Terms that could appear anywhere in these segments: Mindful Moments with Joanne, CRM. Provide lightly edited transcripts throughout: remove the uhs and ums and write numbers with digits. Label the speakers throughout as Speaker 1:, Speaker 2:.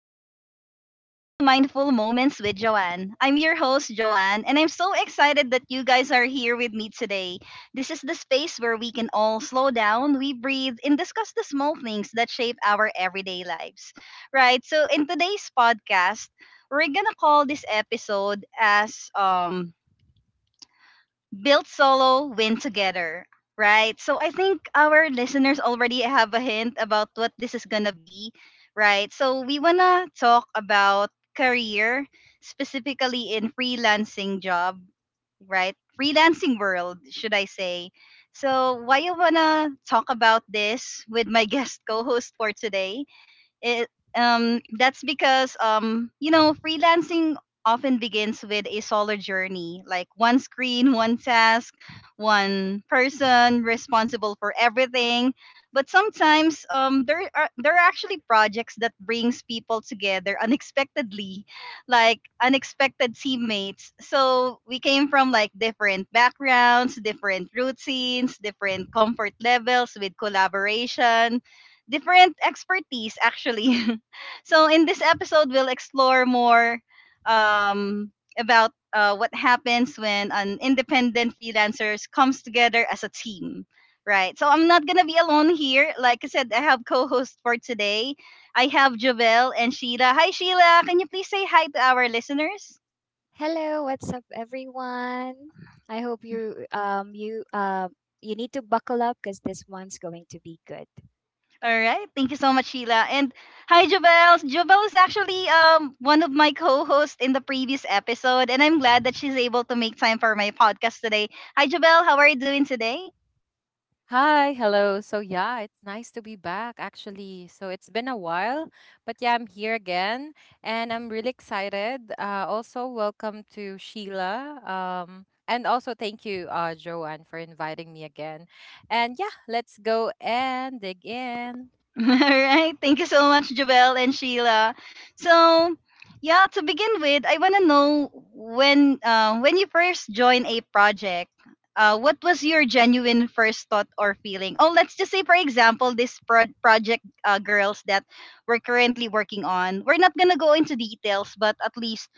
Speaker 1: everyone, and welcome to Mindful Moments with Joanne. I'm your host, Joanne, and I'm so excited that you guys are here with me today. This is the space where we can all slow down, we breathe, and discuss the small things that shape our everyday lives. Right? So, in today's podcast, we're gonna call this episode as build solo, win together, right? So I think our listeners already have a hint about what this is going to be, right? So we want to talk about career, specifically in freelancing job, right? Freelancing world, should I say. So why you want to talk about this with my guest co-host for today it, that's because you know freelancing often begins with a solo journey, like one screen, one task, one person responsible for everything. But sometimes, there are actually projects that brings people together unexpectedly, like unexpected teammates. So we came from like different backgrounds, different routines, different comfort levels with collaboration, different expertise actually. So in this episode, we'll explore more um, about what happens when an independent freelancers comes together as a team. Right. So I'm not gonna be alone here. Like I said, I have co-host for today. I have Javel and Sheila. Hi Sheila, can you please say hi to our listeners?
Speaker 2: Hello, what's up, everyone? I hope you you you need to buckle up because this one's going to be good.
Speaker 1: All right. Thank you so much, Sheila. And hi, Jobel. Jobel is actually one of my co-hosts in the previous episode, and I'm glad that she's able to make time for my podcast today. Hi, Jobel. How are you doing today?
Speaker 3: Hi, hello. So yeah, it's nice to be back actually. So it's been a while, but yeah, I'm here again and I'm really excited. Also welcome to Sheila. And also thank you, Joanne, for inviting me again. And yeah, let's go and dig in.
Speaker 1: All right. Thank you so much, Jabel and Sheila. So, yeah, to begin with, I want to know when you first joined a project, what was your genuine first thought or feeling? Oh, let's just say, for example, this project girls that we're currently working on. We're not gonna go into details, but at least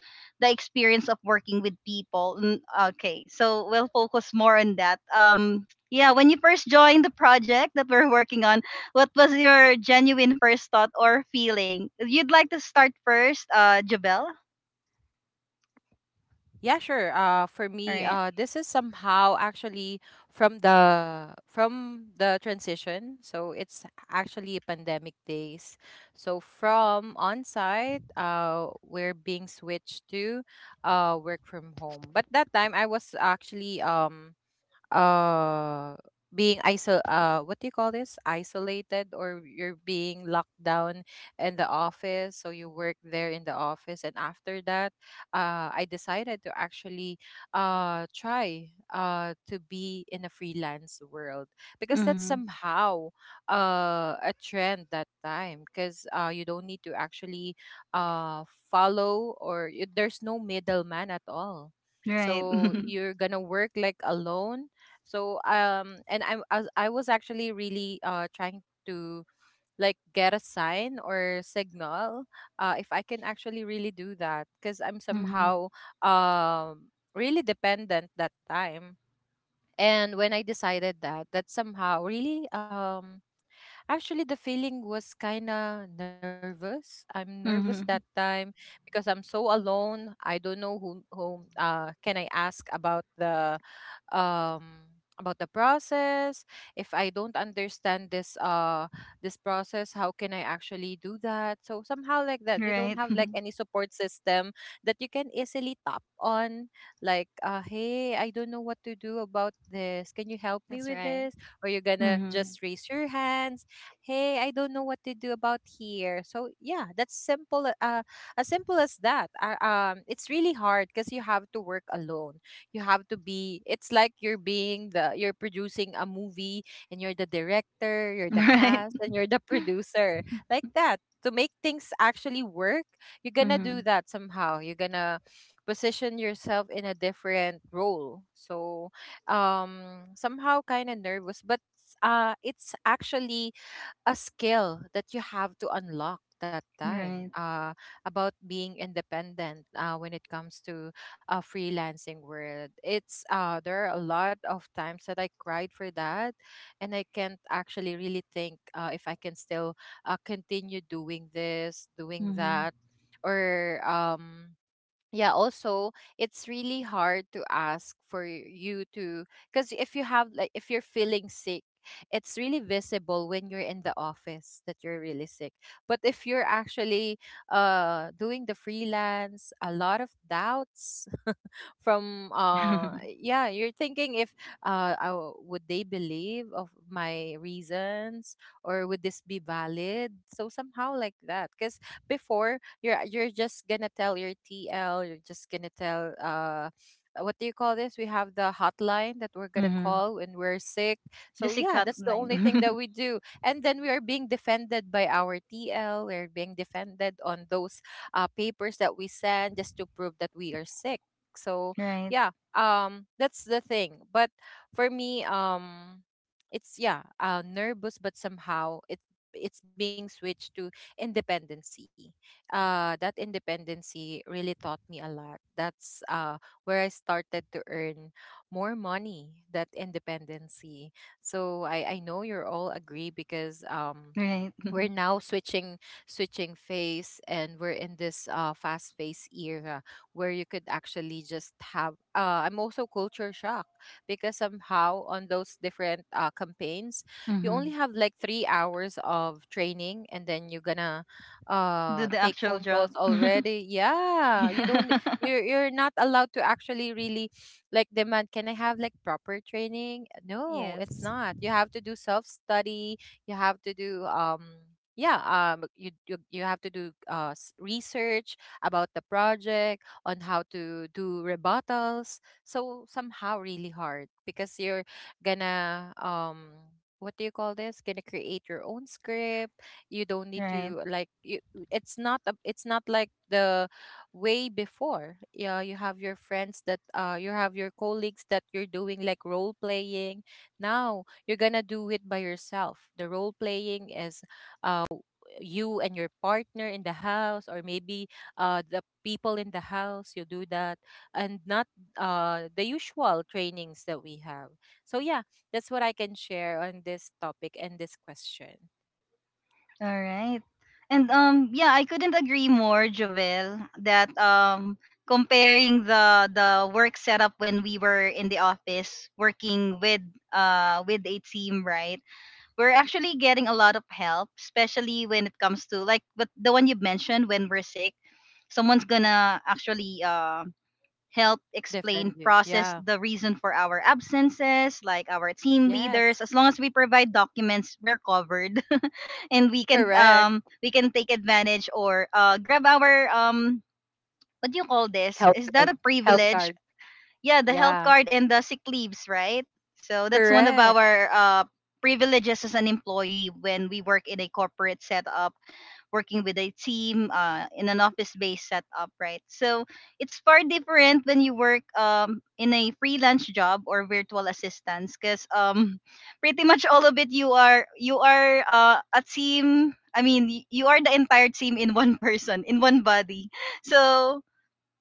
Speaker 1: the experience of working with people. Okay, so we'll focus more on that. Yeah, when you first joined the project that we're working on, what was your genuine first thought or feeling? You'd like to start first, Jabel?
Speaker 3: Yeah, sure. For me,
Speaker 1: All right.
Speaker 3: this is somehow actually from the transition. So it's actually pandemic days. So from on-site, we're being switched to work from home. But that time I was actually uh being iso what do you call this, isolated, or you're being locked down in the office. So you work there in the office, and after that, I decided to actually try to be in a freelance world, because that's
Speaker 1: Mm,
Speaker 3: somehow a trend that time, because you don't need to actually uh there's no middleman at all.
Speaker 1: right.
Speaker 3: So you're gonna work like alone. So um and i i was, I was actually really trying to like get a sign or signal, if I can actually really do that, because I'm
Speaker 1: Mm-hmm.
Speaker 3: somehow really dependent that time. And when I decided that, that somehow really, actually, the feeling was kind of nervous. I'm nervous that
Speaker 1: Mm-hmm.
Speaker 3: time because I'm so alone. I don't know whom whom can I ask about the, um about the process. If I don't understand this process, how can I actually do that? So somehow like that, you don't
Speaker 1: Right.
Speaker 3: have like any support system that you can easily tap on, like, hey, I don't know what to do about this. Can you help me
Speaker 2: That's
Speaker 3: with
Speaker 2: right.
Speaker 3: this? Or you're gonna
Speaker 1: Mm-hmm.
Speaker 3: just raise your hands, hey, I don't know what to do about here. So yeah, that's simple, as simple as that. It's really hard because you have to work alone. You have to be It's like you're being the you're producing a movie, and you're the director, you're the
Speaker 1: Right.
Speaker 3: cast, and you're the producer, like that, to make things actually work. You're gonna
Speaker 1: Mm-hmm.
Speaker 3: do that, somehow you're gonna position yourself in a different role. So somehow kind of nervous, but it's actually a skill that you have to unlock that time,
Speaker 1: Right.
Speaker 3: about being independent, when it comes to freelancing world. It's There are a lot of times that I cried for that, and I can't actually really think if I can still continue doing this, doing
Speaker 1: Mm-hmm.
Speaker 3: that, or yeah. Also it's really hard to ask for you to, because if you're feeling sick, it's really visible when you're in the office that you're really sick. But if you're actually doing the freelance, a lot of doubts from, yeah, you're thinking if, would they believe of my reasons, or would this be valid? So somehow like that, because before you're just gonna tell your TL. You're just gonna tell what do you call this We have the hotline that we're gonna
Speaker 1: Mm-hmm.
Speaker 3: call when we're sick. So
Speaker 1: Just a
Speaker 3: yeah,
Speaker 1: cut
Speaker 3: that's the only thing that
Speaker 1: line.
Speaker 3: we do, and then we are being defended by our TL. We're being defended on those papers that we send just to prove that we are sick. So
Speaker 1: Right.
Speaker 3: yeah, that's the thing. But for me, it's yeah, nervous, but somehow it's being switched to independency. That independency really taught me a lot. That's where I started to earn more money, that independency. So I know you're all agree, because
Speaker 1: Right.
Speaker 3: we're now switching phase, and we're in this fast phase era, where you could actually just have. I'm also culture shock, because somehow on those different campaigns you only
Speaker 1: Mm-hmm.
Speaker 3: have like 3 hours of training, and then you're gonna
Speaker 1: Do the
Speaker 3: take
Speaker 1: actual
Speaker 3: phone
Speaker 1: job.
Speaker 3: calls already. Yeah, you don't, you're, you're not allowed to actually really like demand, can I have like proper training? No, it's
Speaker 2: Yes.
Speaker 3: not. You have to do self-study. You have to do yeah you have to do research about the project on how to do rebuttals. So somehow really hard because you're gonna, what do you call this, gonna create your own script. You don't need
Speaker 1: Right.
Speaker 3: to like you, it's not like the way before. Yeah, you have your colleagues that you're doing like role playing. Now you're gonna do it by yourself. The role playing is, uh you and your partner in the house, or maybe the people in the house, you do that, and not the usual trainings that we have. So yeah, that's what I can share on this topic and this question.
Speaker 1: All right. And
Speaker 2: hmm
Speaker 1: yeah, I couldn't agree more, Jovel, that comparing the work setup when we were in the office working with a team, right? We're actually getting a lot of help, especially when it comes to like but the one you mentioned when we're sick, someone's gonna actually help explain
Speaker 3: Defend you.
Speaker 1: process
Speaker 3: Yeah.
Speaker 1: the reason for our absences like our team
Speaker 3: Yes.
Speaker 1: leaders as long as we provide documents we're covered. And
Speaker 3: Correct.
Speaker 1: we can take advantage or grab our what do you call this?
Speaker 3: Health
Speaker 1: Is that
Speaker 3: card.
Speaker 1: a
Speaker 3: Health
Speaker 1: privilege?
Speaker 3: card.
Speaker 1: Yeah, the health
Speaker 3: Yeah.
Speaker 1: card and the sick leaves, right? So that's one of
Speaker 3: Correct.
Speaker 1: our privileges as an employee when we work in a corporate setup, working with a team in an office-based setup, right? So it's far different when you work in a freelance job or virtual assistance, because pretty much all of it you are a team. I mean, you are the entire team in one person, in one body. So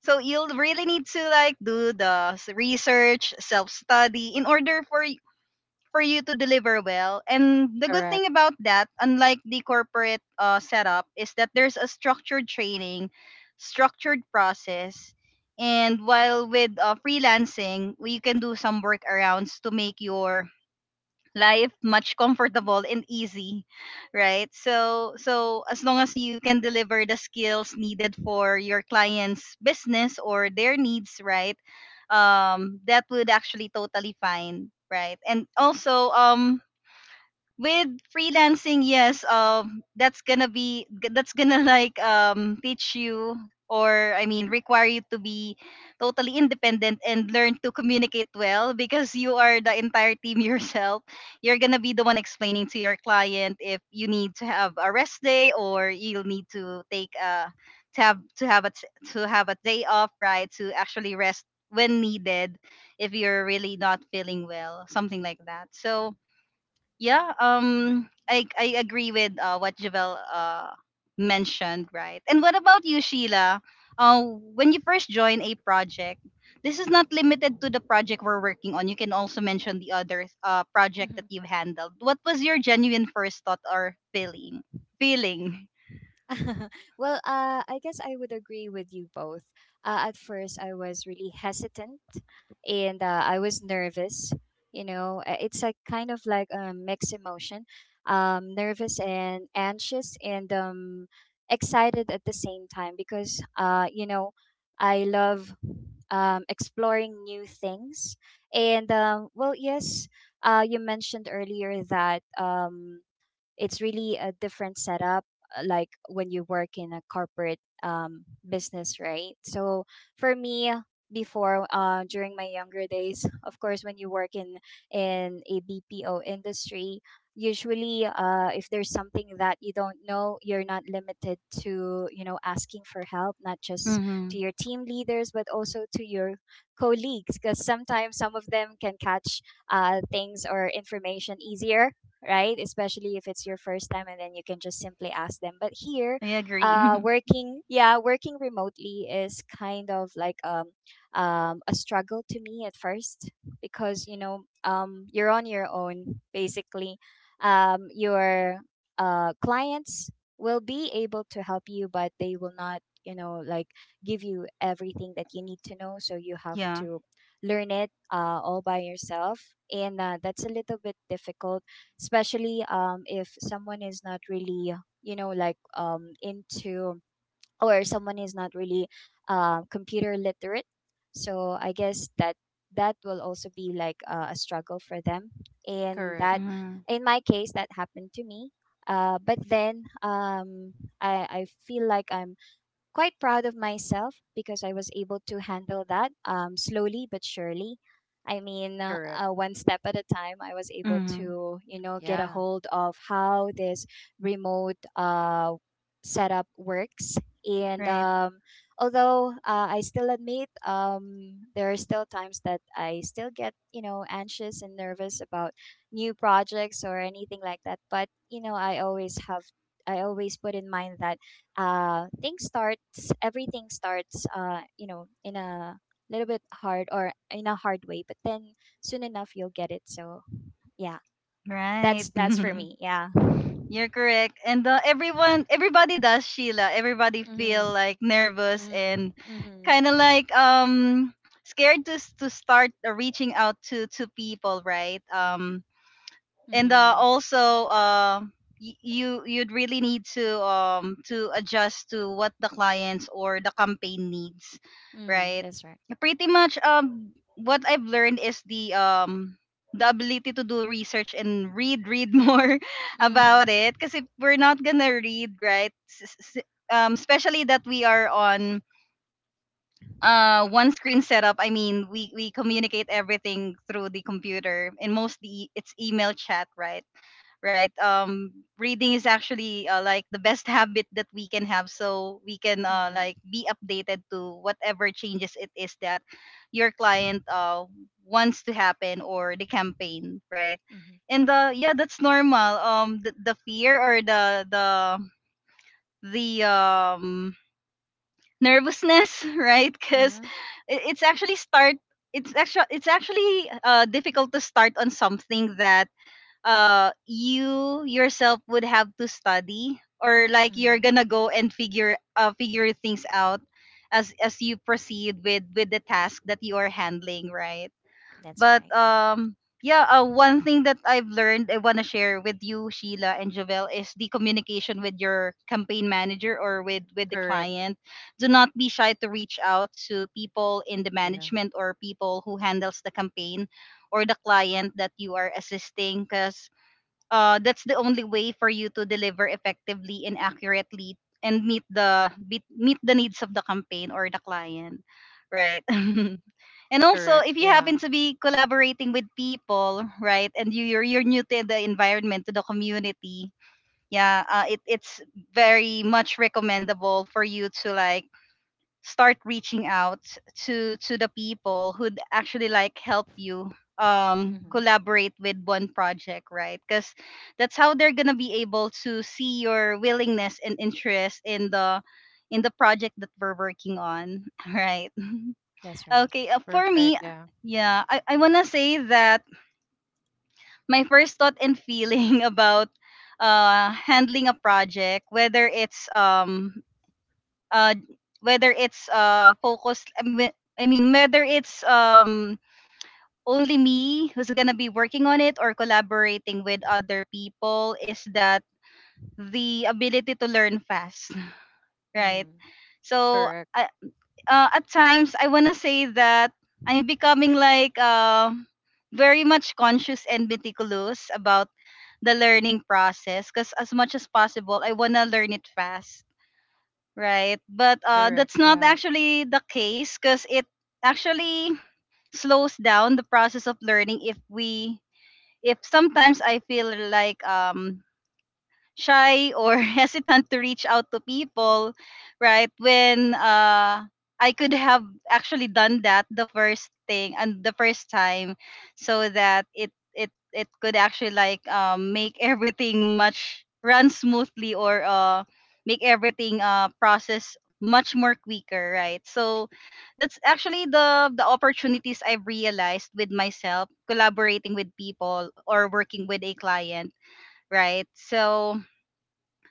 Speaker 1: so you'll really need to like do the research, self-study in order for you to deliver well. And the good thing
Speaker 3: Correct.
Speaker 1: about that, unlike the corporate setup, is that there's a structured training, structured process. And while with freelancing, we can do some workarounds to make your life much comfortable and easy, right? So as long as you can deliver the skills needed for your clients business or their needs, right? That would actually totally fine, right? And also with freelancing, yes, that's gonna be that's gonna like teach you or I mean require you to be totally independent and learn to communicate well because you are the entire team yourself. You're gonna be the one explaining to your client if you need to have a rest day or you'll need to take a to have a t- to have a day off, right? To actually rest when needed, if you're really not feeling well something like that. So yeah, I agree with what Javel mentioned, right? And what about you, Sheila? uh, when you first join a project, this is not limited to the project we're working on, you can also mention the other project
Speaker 2: hmm
Speaker 1: that you've handled. What was your genuine first thought or feeling? Feeling.
Speaker 2: well, I guess I would agree with you both. At first, I was really hesitant and I was nervous. You know, it's like kind of like a mixed emotion, nervous and anxious and excited at the same time because, you know, I love exploring new things. And, well, yes, you mentioned earlier that. It's really a different setup, like when you work in a corporate business, right? So for me before, during my younger days, of course, when you work in a BPO industry, usually if there's something that you don't know, you're not limited to, you know, asking for help, not just to
Speaker 1: Mm-hmm.
Speaker 2: your team leaders but also to your colleagues, because sometimes some of them can catch things or information easier, right? Especially if it's your first time and then you can just simply ask them. But here,
Speaker 1: I agree.
Speaker 2: working, yeah, working remotely is kind of like um a struggle to me at first because, you know, you're on your own basically. Your clients will be able to help you, but they will not, you know, like give you everything that you need to know, so you have
Speaker 1: Yeah.
Speaker 2: to learn it all by yourself, and that's a little bit difficult, especially if someone is not really, you know, like into, or someone is not really computer literate. So I guess that that will also be like a struggle for them. And
Speaker 3: Correct.
Speaker 2: that,
Speaker 1: Mm-hmm.
Speaker 2: in my case, that happened to me, but then um, I feel like I'm quite proud of myself because I was able to handle that slowly but surely. I mean,
Speaker 3: Correct.
Speaker 2: one step at a time, I was able
Speaker 1: Mm-hmm.
Speaker 2: to, you know, get a
Speaker 3: Yeah.
Speaker 2: hold of how this remote setup works. And
Speaker 1: Right.
Speaker 2: although I still admit there are still times that I still get, you know, anxious and nervous about new projects or anything like that. But, you know, I always have, I always put in mind that things starts everything starts you know in a little bit hard or in a hard way, but then soon enough you'll get it. So yeah,
Speaker 1: Right.
Speaker 2: that's for me. Yeah.
Speaker 1: You're correct. And everyone, everybody does, Sheila. Everybody
Speaker 2: Mhm.
Speaker 1: feel like nervous
Speaker 2: Mhm.
Speaker 1: and
Speaker 2: Mhm.
Speaker 1: kind of like scared to to start reaching out to people, right? And
Speaker 2: Mhm.
Speaker 1: also you you'd really need to adjust to what the clients or the campaign needs,
Speaker 2: Mhm.
Speaker 1: right?
Speaker 2: That's right.
Speaker 1: Pretty much what I've learned is the ability to do research and read more about
Speaker 2: Mhm.
Speaker 1: it, because if we're not gonna read right, especially that we are on one screen setup, I mean we communicate everything through the computer and mostly it's email chat, right? Right. Reading is actually like the best habit that we can have so we can
Speaker 2: Mhm.
Speaker 1: like be updated to whatever changes it is that your client wants to happen or the campaign, right?
Speaker 2: Mhm.
Speaker 1: And yeah, that's normal, the fear or the nervousness, right? Because
Speaker 2: Mhm.
Speaker 1: it's actually start it's actually difficult to start on something that you yourself would have to study, or like you're
Speaker 2: Mhm.
Speaker 1: gonna go and figure figure things out as you proceed with the task that you are handling, right?
Speaker 2: That's
Speaker 1: But
Speaker 2: right.
Speaker 1: yeah, one thing that I've learned I want to share with you Sheila and Jovel is the communication with your campaign manager or with the
Speaker 3: Correct.
Speaker 1: client. Do not be shy to reach out to people in the
Speaker 3: Yeah.
Speaker 1: management or people who handles the campaign or the client that you are assisting, because that's the only way for you to deliver effectively and accurately and meet the beat, meet the needs of the campaign or the client, right? And also
Speaker 3: Correct.
Speaker 1: if you
Speaker 3: Yeah.
Speaker 1: happen to be collaborating with people, right? And you're new to the environment, to the community. Yeah, it's very much recommendable for you to like start reaching out to the people who'd actually like help you
Speaker 2: Mhm.
Speaker 1: collaborate with one project, right? Because that's how they're gonna be able to see your willingness and interest in the project that we're working on. Right.
Speaker 2: That's right.
Speaker 1: Okay. For
Speaker 3: Perfect.
Speaker 1: me,
Speaker 3: Yeah.
Speaker 1: yeah, I want to say that my first thought and feeling about handling a project, whether it's uh focused I mean, I mean, whether it's only me who's gonna be working on it or collaborating with other people, is that the ability to learn fast, right?
Speaker 2: Mhm.
Speaker 1: So
Speaker 3: Correct.
Speaker 1: I at times I wanna say that I'm becoming like very much conscious and meticulous about the learning process, because as much as possible I wanna learn it fast, right? But
Speaker 3: Correct.
Speaker 1: that's not
Speaker 3: Yeah.
Speaker 1: actually the case, because it actually slows down the process of learning if we, if sometimes I feel like shy or hesitant to reach out to people, right? When I could have actually done that the first thing and the first time, so that it could actually like make everything much run smoothly, or make everything process much more quicker, right? So that's actually the opportunities I've realized with myself collaborating with people or working with a client, right? So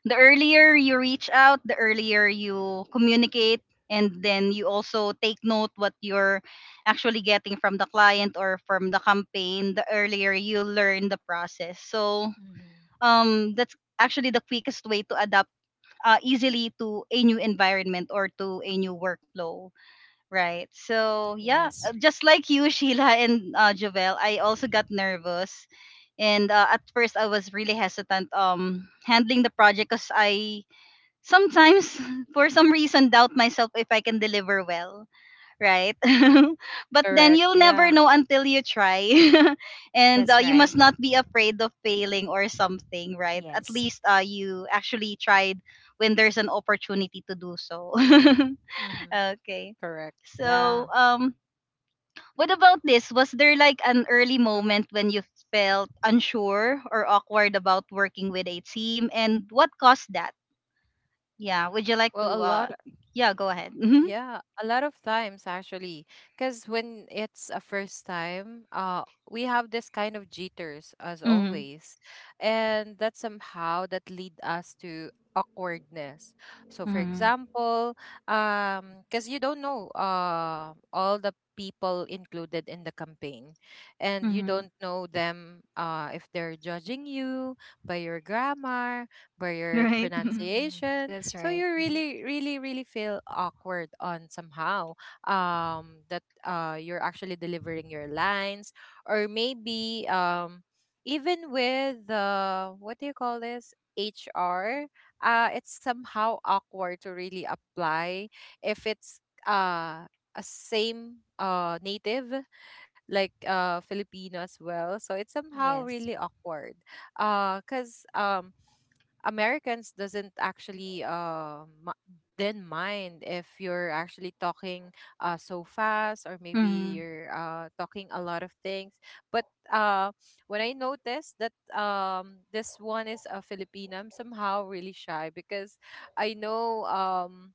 Speaker 1: the earlier you reach out, the earlier you communicate, and then you also take note what you're actually getting from the client or from the campaign, the earlier you learn the process. So
Speaker 2: Mhm.
Speaker 1: that's actually the quickest way to adapt easily to a new environment or to a new workflow, right? So yeah,
Speaker 2: Yes.
Speaker 1: just like you, Sheila and Jovel, I also got nervous. And at first I was really hesitant handling the project because I sometimes for some reason doubt myself if I can deliver well, right? But then
Speaker 3: Correct.
Speaker 1: you'll never
Speaker 3: Yeah.
Speaker 1: know until you try. And
Speaker 2: That's
Speaker 1: you
Speaker 2: right.
Speaker 1: must not be afraid of failing or something, right? At
Speaker 2: Yes.
Speaker 1: least you actually tried when there's an opportunity to do so.
Speaker 2: Mhm.
Speaker 3: Correct.
Speaker 1: Okay.
Speaker 3: Yeah.
Speaker 1: So what about this? Was there like an early moment when you felt unsure or awkward about working with a team and what caused that? Yeah. Would you like
Speaker 3: Well, a
Speaker 1: to?
Speaker 3: lot.
Speaker 1: Yeah. Go ahead. Hmm.
Speaker 3: Yeah, a lot of times actually, because when it's a first time, we have this kind of jitters as
Speaker 1: Mm-hmm.
Speaker 3: always, and that somehow that lead us to awkwardness. So, for
Speaker 1: Mm-hmm.
Speaker 3: example, because you don't know all the people included in the campaign, and you
Speaker 1: Hmm.
Speaker 3: don't know them if they're judging you by your grammar, by your
Speaker 1: Right.
Speaker 2: Mhm.
Speaker 3: pronunciation.
Speaker 2: That's
Speaker 3: So
Speaker 2: right.
Speaker 3: you
Speaker 2: Mhm.
Speaker 3: really, really, really feel awkward on somehow, that, you're actually delivering your lines, or maybe, even with the, what do you call this, HR. It's somehow awkward to really apply if it's uh a same native like Filipino as well. So it's somehow
Speaker 2: Yes.
Speaker 3: really awkward. Cuz Americans doesn't actually mi- then mind if you're actually talking so fast, or maybe
Speaker 1: Mm-hmm.
Speaker 3: you're talking a lot of things. But uh, when I noticed that, this one is a Filipinam, somehow really shy because I know.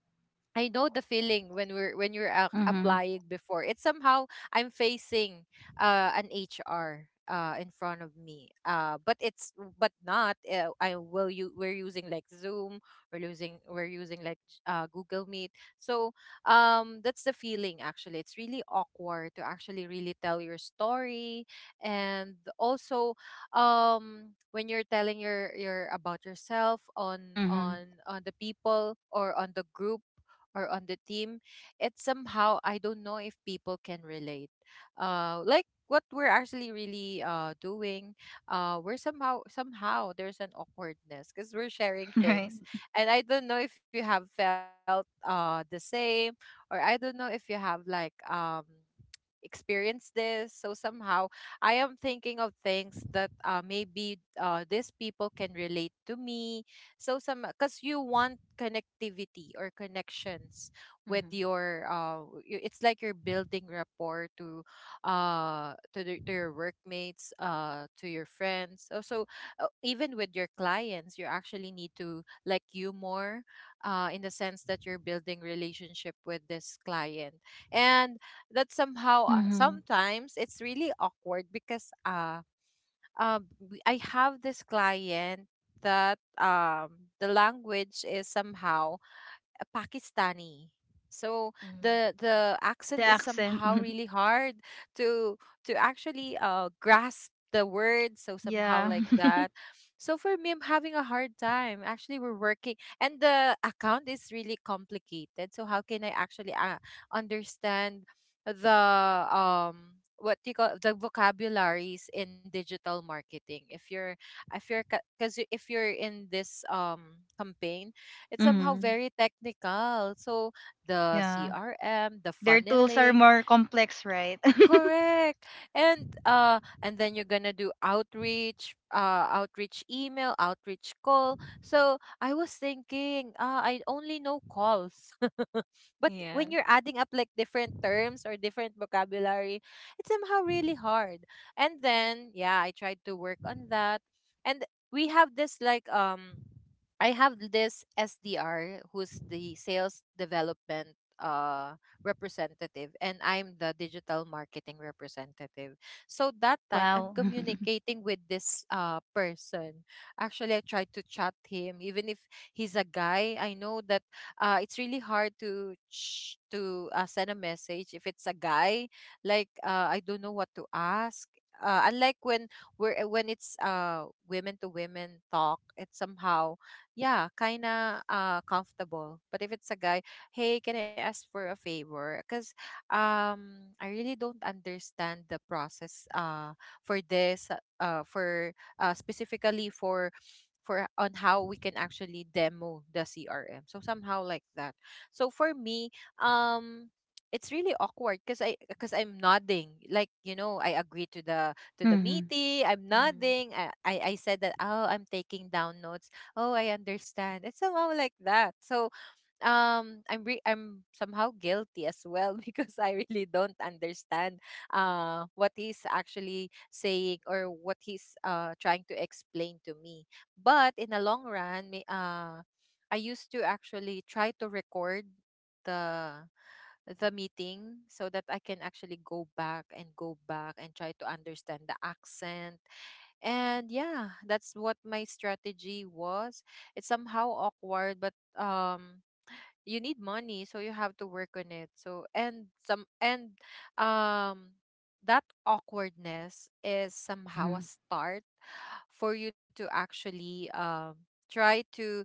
Speaker 3: I know the feeling when we're when you're ac
Speaker 1: Hmm.
Speaker 3: applying before. It's somehow I'm facing an HR, in front of me. But it's, but not. I will you We're using like Zoom. We're using like Google Meet. So that's the feeling actually. It's really awkward to actually really tell your story, and also, when you're telling your about yourself on
Speaker 1: Hmm.
Speaker 3: the people, or on the group, or on the team, it's somehow, I don't know if people can relate. Like what we're actually really doing, we're somehow, there's an awkwardness because we're sharing
Speaker 1: Right.
Speaker 3: things, and I don't know if you have felt the same, or I don't know if you have like experienced this. So somehow I am thinking of things that, maybe these people can relate to me, so some because you want connectivity or connections with
Speaker 2: Mm-hmm.
Speaker 3: your, it's like you're building rapport to, to your workmates, to your friends also, even with your clients, you actually need to like you more, in the sense that you're building relationship with this client, and that somehow,
Speaker 1: Hmm.
Speaker 3: sometimes it's really awkward because, I have this client that, the language is somehow Pakistani. So
Speaker 2: Mm-hmm.
Speaker 3: the
Speaker 1: The
Speaker 3: accent is
Speaker 1: accent.
Speaker 3: somehow really hard to, actually grasp the words, so somehow
Speaker 1: Yeah.
Speaker 3: like that. So for me, I'm having a hard time. Actually we're working and the account is really complicated. So how can I actually understand the, what do you call, the vocabularies in digital marketing, if you're, because if you're in this, campaign, it's somehow
Speaker 1: Hmm.
Speaker 3: very technical. So the
Speaker 1: Yeah.
Speaker 3: CRM, the
Speaker 1: Their tools are
Speaker 3: funneling,
Speaker 1: more complex, right?
Speaker 3: correct. And then you're gonna do outreach, outreach email, outreach call. So I was thinking, I only know calls. But
Speaker 2: Yeah.
Speaker 3: when you're adding up like different terms or different vocabulary, it's somehow really hard. And then yeah, I tried to work on that. And we have this like I have this SDR, who's the sales development representative, and I'm the digital marketing representative. So that time I'm
Speaker 1: Wow.
Speaker 3: communicating with this person. Actually I tried to chat him even if he's a guy. I know that, it's really hard to send a message if it's a guy, I don't know what to ask. Unlike when, we're when it's women to women talk, it's somehow yeah, kind of comfortable. But if it's a guy, hey, can I ask for a favor? Because I really don't understand the process, for this, for specifically for, on how we can actually demo the CRM. So somehow like that. So for me, um, it's really awkward because I'm nodding. Like, I agree to the
Speaker 1: Hmm.
Speaker 3: meeting. I'm
Speaker 2: Mm-hmm.
Speaker 3: nodding. I, I said that, "Oh, I'm taking down notes. Oh, I understand." It's somehow like that. So, I'm somehow guilty as well because I really don't understand what he's actually saying or what he's trying to explain to me. But in the long run, I used to actually try to record the the meeting so that I can actually go back and try to understand the accent. And yeah, that's what my strategy was. It's somehow awkward, but um you need money, so you have to work on it. So and some and um that awkwardness is
Speaker 1: Hmm.
Speaker 3: somehow a start for you to actually try to,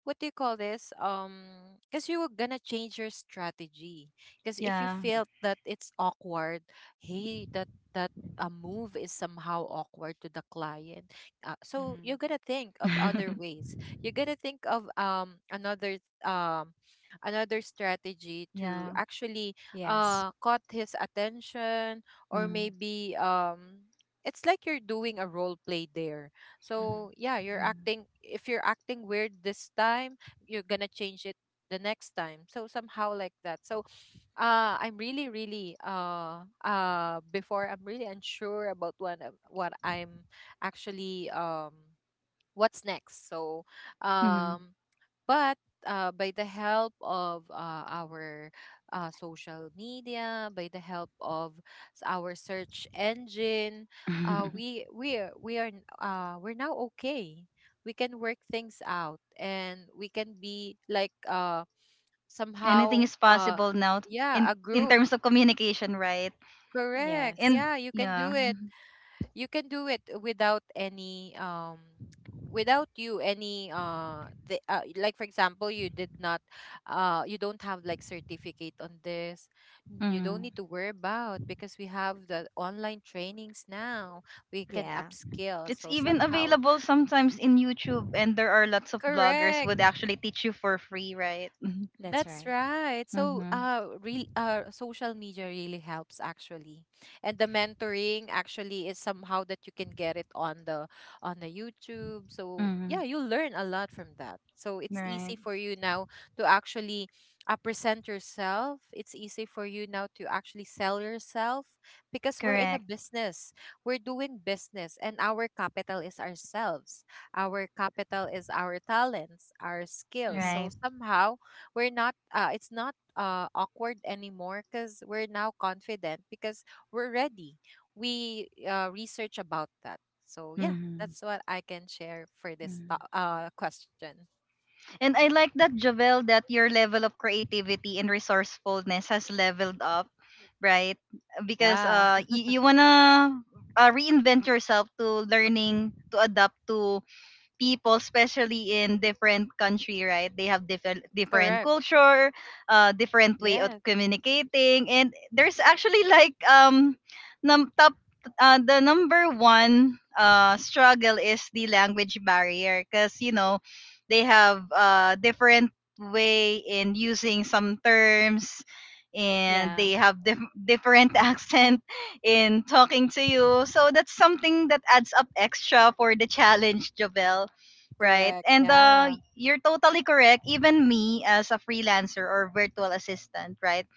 Speaker 3: what do you call this? Because you were gonna change your strategy. Because if you
Speaker 1: Yeah.
Speaker 3: felt that it's awkward, hey, that that a move is somehow awkward to the client, so
Speaker 2: Mm-hmm.
Speaker 3: you're gonna think of other ways. You're gonna think of another another strategy to
Speaker 1: Yeah.
Speaker 3: actually
Speaker 2: Yes.
Speaker 3: caught his attention, or
Speaker 1: Mm-hmm.
Speaker 3: maybe. It's like you're doing a role play there,
Speaker 2: Mm-hmm.
Speaker 3: so yeah, you're acting. If you're acting weird this time, you're gonna change it the next time. So somehow like that. So I'm really, really before, I'm really unsure about what what I'm actually what's next. So
Speaker 1: Hmm.
Speaker 3: um but by the help of our social media, by the help of our search engine, we're now okay. We can work things out, and we can be like
Speaker 1: Anything is
Speaker 3: somehow
Speaker 1: possible now
Speaker 3: yeah, a
Speaker 1: in
Speaker 3: group.
Speaker 1: terms of communication, right?
Speaker 3: Correct.
Speaker 2: Yes.
Speaker 1: And
Speaker 3: Yeah, you can
Speaker 1: yeah.
Speaker 3: do it. You can do it without any without you any the, like, for example, you did not you don't have like certificate on this, you don't need to worry about because we have the online trainings now, we can
Speaker 2: Yeah,
Speaker 3: upskill,
Speaker 1: It's
Speaker 3: so
Speaker 1: even
Speaker 3: somehow.
Speaker 1: available sometimes in YouTube, and there are lots of bloggers
Speaker 3: Correct.
Speaker 1: would actually teach you for free, right? Mm-hmm.
Speaker 2: that's
Speaker 3: That's
Speaker 2: right.
Speaker 3: right. So,
Speaker 1: Mm-hmm.
Speaker 3: real social media really helps actually, and the mentoring actually is somehow that you can get it on the YouTube. So
Speaker 1: Mm-hmm.
Speaker 3: yeah, you learn a lot from that. So it's
Speaker 1: Right.
Speaker 3: easy for you now to actually present yourself. It's easy for you now to actually sell yourself because we're in
Speaker 1: Correct.
Speaker 3: a business. We're doing business, and our capital is ourselves. Our capital is our talents, our skills.
Speaker 1: Right.
Speaker 3: So
Speaker 2: Mm-hmm.
Speaker 3: somehow we're not it's not awkward anymore because we're now confident because we're ready, we research about that. So yeah,
Speaker 1: Mm-hmm.
Speaker 3: that's what I can share for this
Speaker 1: Mm-hmm.
Speaker 3: to- uh question.
Speaker 1: And I like that, Javel, that your level of creativity and resourcefulness has leveled up, right? Because
Speaker 3: Yeah.
Speaker 1: you, you wanna reinvent yourself to learning to adapt to people, especially in different country, right? They have different different
Speaker 3: Correct.
Speaker 1: culture, different way of
Speaker 3: Yes.
Speaker 1: communicating, and there's actually top the number one struggle is the language barrier, because you know they have different way in using some terms and
Speaker 2: Yeah.
Speaker 1: they have different accent in talking to you. So that's something that adds up extra for the challenge, Jovel. Right.
Speaker 3: Correct.
Speaker 1: And
Speaker 3: Yeah.
Speaker 1: you're totally correct. Even me as a freelancer or virtual assistant, right?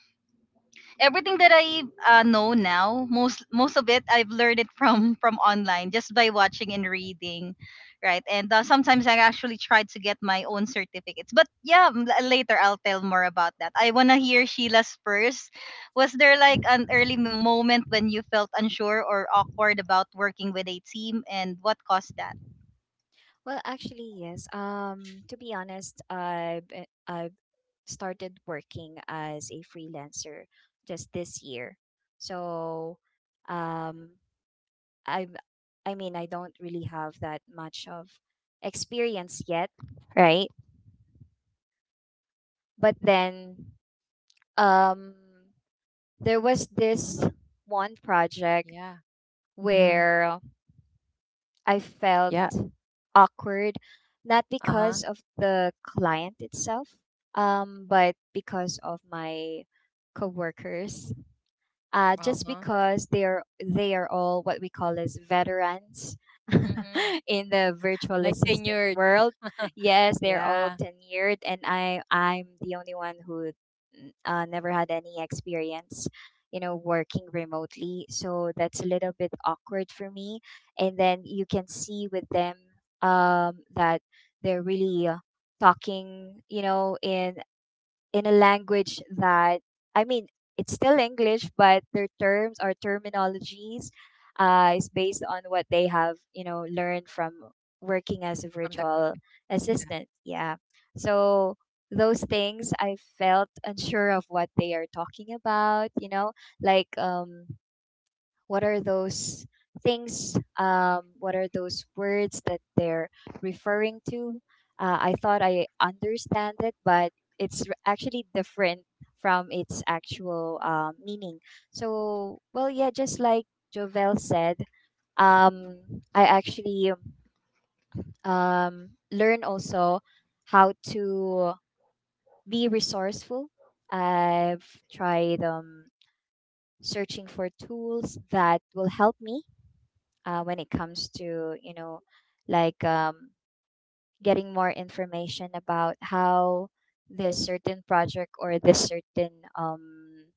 Speaker 1: Everything that I know now, most of it I've learned it from online just by watching and reading, right? And sometimes I actually try to get my own certificates. But yeah, later I'll tell more about that. I want to hear Sheila's first. Was there like an
Speaker 2: Mhm.
Speaker 1: early moment when you felt unsure or awkward about working with a team and what caused that?
Speaker 2: Well, actually, yes. To be honest, I've started working as a freelancer just this year. So, um, I I mean, I don't really have that much of experience yet, right? But then, um. there was this one project
Speaker 3: Yeah.
Speaker 1: Mhm.
Speaker 2: where I felt
Speaker 3: Yeah.
Speaker 2: awkward, not because
Speaker 3: Uh-huh.
Speaker 2: of the client itself, but because of my coworkers, just
Speaker 3: Uh-huh.
Speaker 2: because they are all what we call as veterans
Speaker 3: Mm-hmm.
Speaker 2: in the virtual
Speaker 3: Like
Speaker 2: assistant
Speaker 3: tenured.
Speaker 2: world. Yes, they're all
Speaker 3: Yeah.
Speaker 2: tenured, and I'm the only one who never had any experience, you know, working remotely. So that's a little bit awkward for me. And then you can see with them that they're really talking, you know, in a language that, I mean, it's still English, but their terms or terminologies is based on what they have, you know, learned from working as a
Speaker 3: From the com-.
Speaker 2: virtual
Speaker 3: Yeah.
Speaker 2: assistant. Yeah, so those things I felt unsure of what they are talking about. You know, like what are those things, what are those words that they're referring to, I thought I understand it, but it's actually different from its actual meaning. So, well, yeah, just like Jovel said, um, I actually learn also how to be resourceful. I've tried searching for tools that will help me when it comes to, you know, like getting more information about how this certain project or this certain um,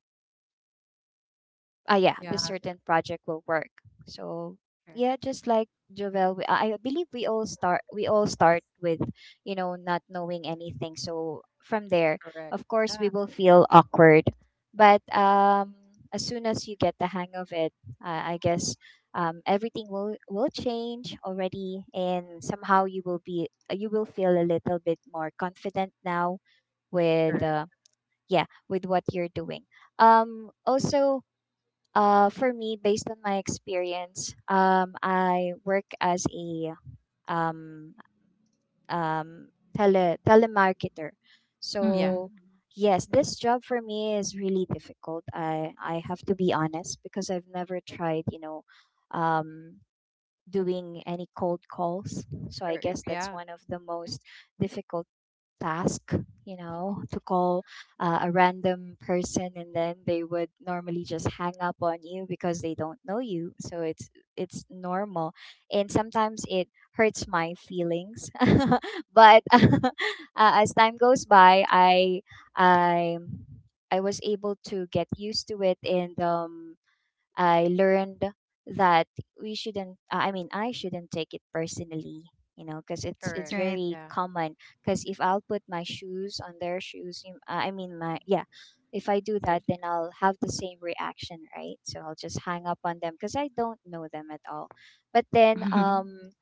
Speaker 2: ah yeah this
Speaker 3: Yeah.
Speaker 2: certain project will work. So,
Speaker 3: Cor-
Speaker 2: yeah, just like Jovel, I believe we all start, with, you know, not knowing anything. So from there,
Speaker 3: Correct.
Speaker 2: of course,
Speaker 3: Yeah.
Speaker 2: we will feel awkward, but as soon as you get the hang of it, I guess everything will change already, and somehow you will be, you will feel a little bit more confident now with
Speaker 3: Correct.
Speaker 2: yeah, with what you're doing. Also For me, based on my experience, I work as a um, um, telemarketer.
Speaker 3: Yeah.
Speaker 1: Mhm.
Speaker 2: So yes, this job for me is really difficult. I have to be honest because I've never tried, you know, um, doing any cold calls. So I guess that's one
Speaker 3: Yeah.
Speaker 2: of the most difficult task, you know, to call a random person, and then they would normally just hang up on you because they don't know you. So it's normal. And sometimes it hurts my feelings. But as time goes by, I I was able to get used to it, and I learned that we shouldn't, I mean, I shouldn't take it personally, you know, because it's
Speaker 3: Correct.
Speaker 1: Right.
Speaker 2: very
Speaker 3: Yeah.
Speaker 2: common. Because if I'll put my shoes on their shoes, you- I mean my yeah, if I do that,
Speaker 3: there's
Speaker 2: then I'll have the same reaction, right? So I'll just hang up on them because I don't know them at all. But then
Speaker 1: Mhm.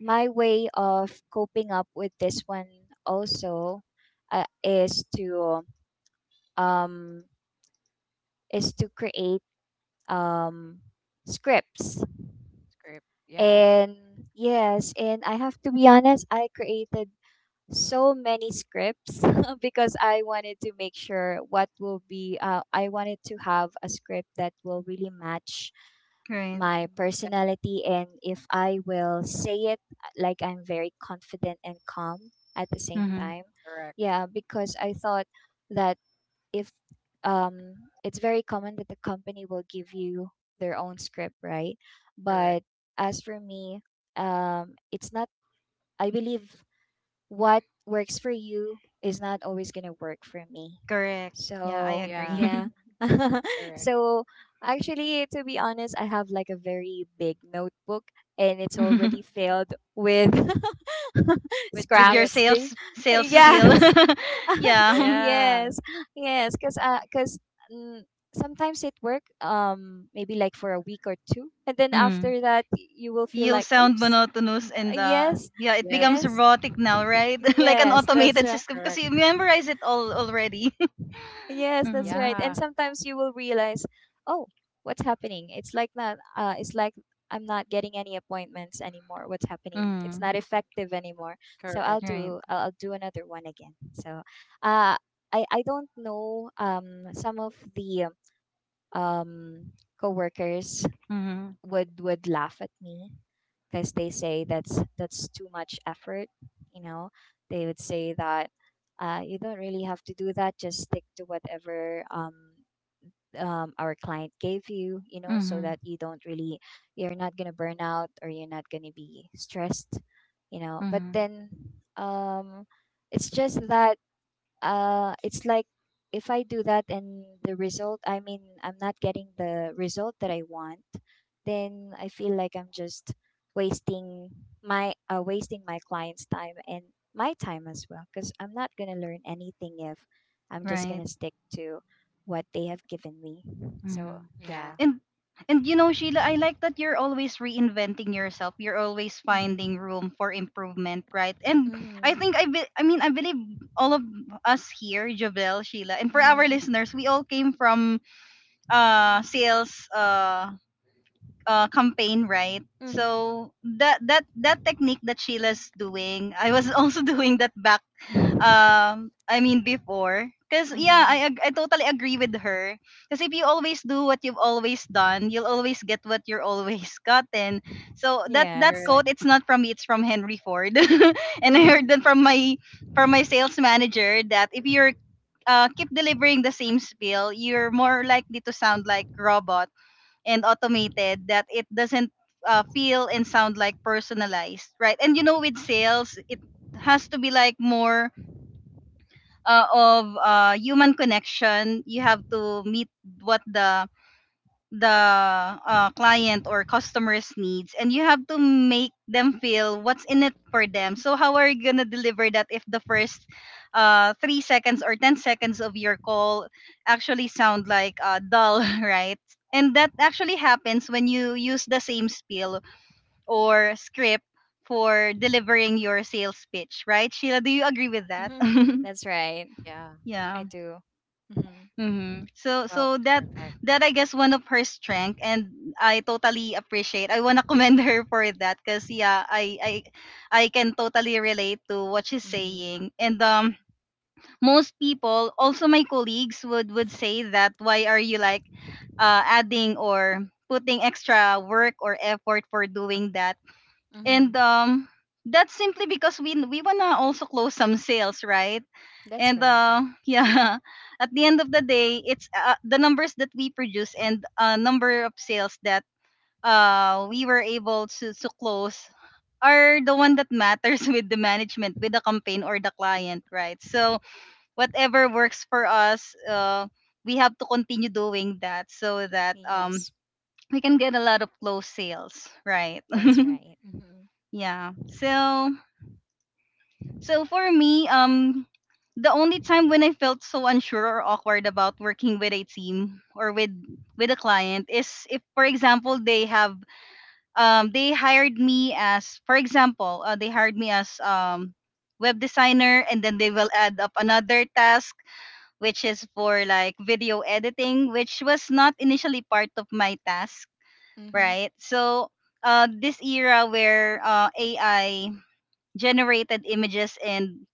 Speaker 2: my way of coping up with this one also is to um create um scripts.
Speaker 3: Script. Yeah.
Speaker 2: And yes, and I have to be honest, I created so many scripts because I wanted to make sure what will be, I wanted to have a script that will really match
Speaker 1: Right.
Speaker 2: my personality. And if I will say it, like I'm very confident and calm at the same
Speaker 1: Hmm.
Speaker 2: time.
Speaker 3: Correct.
Speaker 2: Yeah, because I thought that if it's very common that the company will give you their own script, right? But
Speaker 3: Correct.
Speaker 2: as for me, it's not, I believe what works for you is not always going to work for me.
Speaker 1: Correct. Yeah, I
Speaker 2: So
Speaker 3: Yeah.
Speaker 2: yeah.
Speaker 1: agree.
Speaker 3: Correct.
Speaker 2: So actually, to be honest, I have like a very big notebook, and it's already filled with
Speaker 3: With
Speaker 1: With your
Speaker 3: script.
Speaker 2: scraps be-
Speaker 1: sales sales
Speaker 2: yeah.
Speaker 1: spiel. Yeah.
Speaker 3: yeah.
Speaker 2: Yes, yes, because sometimes it work, maybe like for a week or two, and then
Speaker 1: Mm.
Speaker 2: after that, you will feel
Speaker 1: You'll
Speaker 2: like
Speaker 1: sound
Speaker 2: oops.
Speaker 1: monotonous
Speaker 2: uh,
Speaker 1: and
Speaker 2: yes
Speaker 1: yeah, it
Speaker 3: Yes.
Speaker 1: becomes
Speaker 2: yes
Speaker 1: robotic now, right? Like an
Speaker 2: yes, that's
Speaker 1: automated
Speaker 2: right.
Speaker 1: system because
Speaker 3: Correct.
Speaker 1: you memorize it all already.
Speaker 2: Yes, that's
Speaker 1: Mm-hmm.
Speaker 2: right. And
Speaker 3: Yeah.
Speaker 2: sometimes you will realize, oh, what's happening? It's like not it's like I'm not getting any appointments anymore. What's happening? It's
Speaker 1: Mm-hmm.
Speaker 2: not effective anymore. So I'll
Speaker 3: Correct.
Speaker 1: Right.
Speaker 2: do, I'll do another one again. So uh I don't know, some of the um coworkers
Speaker 1: Mm-hmm.
Speaker 2: would laugh at me because they say that's too much effort, you know. They would say that you don't really have to do that, just stick to whatever our client gave you, you know, so
Speaker 1: Mm-hmm.
Speaker 2: that you don't really, you're not gonna burn out or you're not gonna be stressed, you know. But
Speaker 1: Mm-hmm.
Speaker 2: then um, it's just that it's like, if I do that and the result, I mean, I'm not getting the result that I want, then I feel like I'm just wasting my, wasting my client's time and my time as well, because I'm not going to learn anything if I'm just
Speaker 1: Right.
Speaker 2: going to stick to what they have given me. So yeah.
Speaker 3: Yeah.
Speaker 1: And and you know, Sheila, I like that you're always reinventing yourself. You're always
Speaker 2: Mm-hmm.
Speaker 1: finding room for improvement, right? And I
Speaker 2: Mm-hmm.
Speaker 1: think I mean I believe all of us here, Javel, Sheila, and for our listeners, we all came from sales campaign, right?
Speaker 2: Mm-hmm.
Speaker 1: So that technique that Sheila's doing, I was also doing that back
Speaker 2: Mm-hmm.
Speaker 1: I mean before because yeah
Speaker 2: Mm-hmm.
Speaker 1: I totally agree with her because if you always do what you've always done you'll always get what you're always gotten so that
Speaker 2: Yes.
Speaker 1: quote
Speaker 3: Correct.
Speaker 1: it's not from me it's from Henry Ford and I
Speaker 2: Mm-hmm.
Speaker 1: heard that from my sales manager that if you're keep delivering the same spiel you're more likely to sound like robot and automated that it doesn't feel and sound like personalized right and you know with sales it has to be like more of human connection you have to meet what the client or customers needs and you have to make them feel what's in it for them so how are you going to deliver that if the first 3 seconds or 10 seconds of your call actually sound like dull right and that actually happens when you use the same spiel or script for delivering your sales pitch right sheila do you agree with that
Speaker 2: Mm-hmm. That's right.
Speaker 3: Yeah.
Speaker 2: I
Speaker 1: yeah.
Speaker 2: do. Mm-hmm.
Speaker 1: Mm-hmm. So
Speaker 3: Wow.
Speaker 1: so that
Speaker 3: Perfect.
Speaker 1: that I guess one of her strength and I totally appreciate. I wanna commend her for that because yeah, I can totally relate to what she's
Speaker 2: Mm-hmm.
Speaker 1: saying. And most people, also my colleagues would say that why are you like adding or putting extra work or effort for doing that?
Speaker 2: Mm-hmm.
Speaker 1: And that's simply because we wanna also close some sales, right?
Speaker 2: That's
Speaker 1: And
Speaker 2: right. Mm.
Speaker 1: yeah at the end of the day it's the numbers that we produce and number of sales that we were able to close are the one that matters with the management with the campaign or the client right so whatever works for us we have to continue doing that so that
Speaker 2: Yes,
Speaker 1: we can get a lot of close sales right
Speaker 2: that's right. Mm-hmm.
Speaker 1: yeah so So for me, the only time when I felt so unsure or awkward about working with a team or with a client is if, for example, they have they hired me as, for example, they hired me as web designer, and then they will add up another task which is for like video editing, which was not initially part of my task,
Speaker 2: Mm-hmm.
Speaker 1: right? So this era where AI generated images and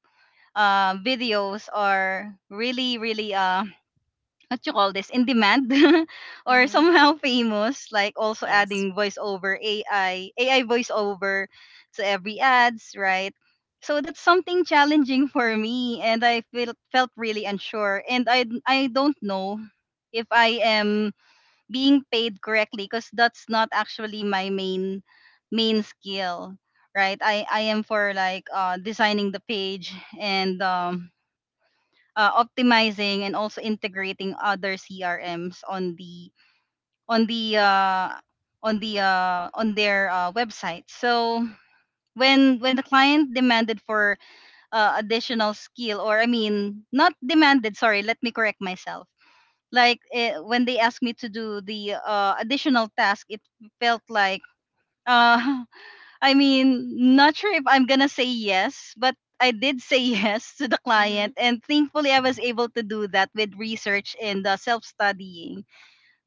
Speaker 1: videos are really really what you call this in demand or
Speaker 2: Mm-hmm.
Speaker 1: somehow famous like also
Speaker 2: Yes.
Speaker 1: adding voiceover ai ai voiceover to every ads right so that's something challenging for me and I felt really unsure and i don't know if I am being paid correctly because that's not actually my main skill right i am for like designing the page and optimizing and also integrating other CRMs on the on the uh, on their website. So when the client demanded for additional skill, or I mean, not demanded. Sorry, let me correct myself. Like eh, when they asked me to do the additional task, it felt like. Uh, I mean, not sure if I'm gonna say yes, but I did say yes to the client,
Speaker 2: Mm-hmm.
Speaker 1: and thankfully I was able to do that with research and self studying,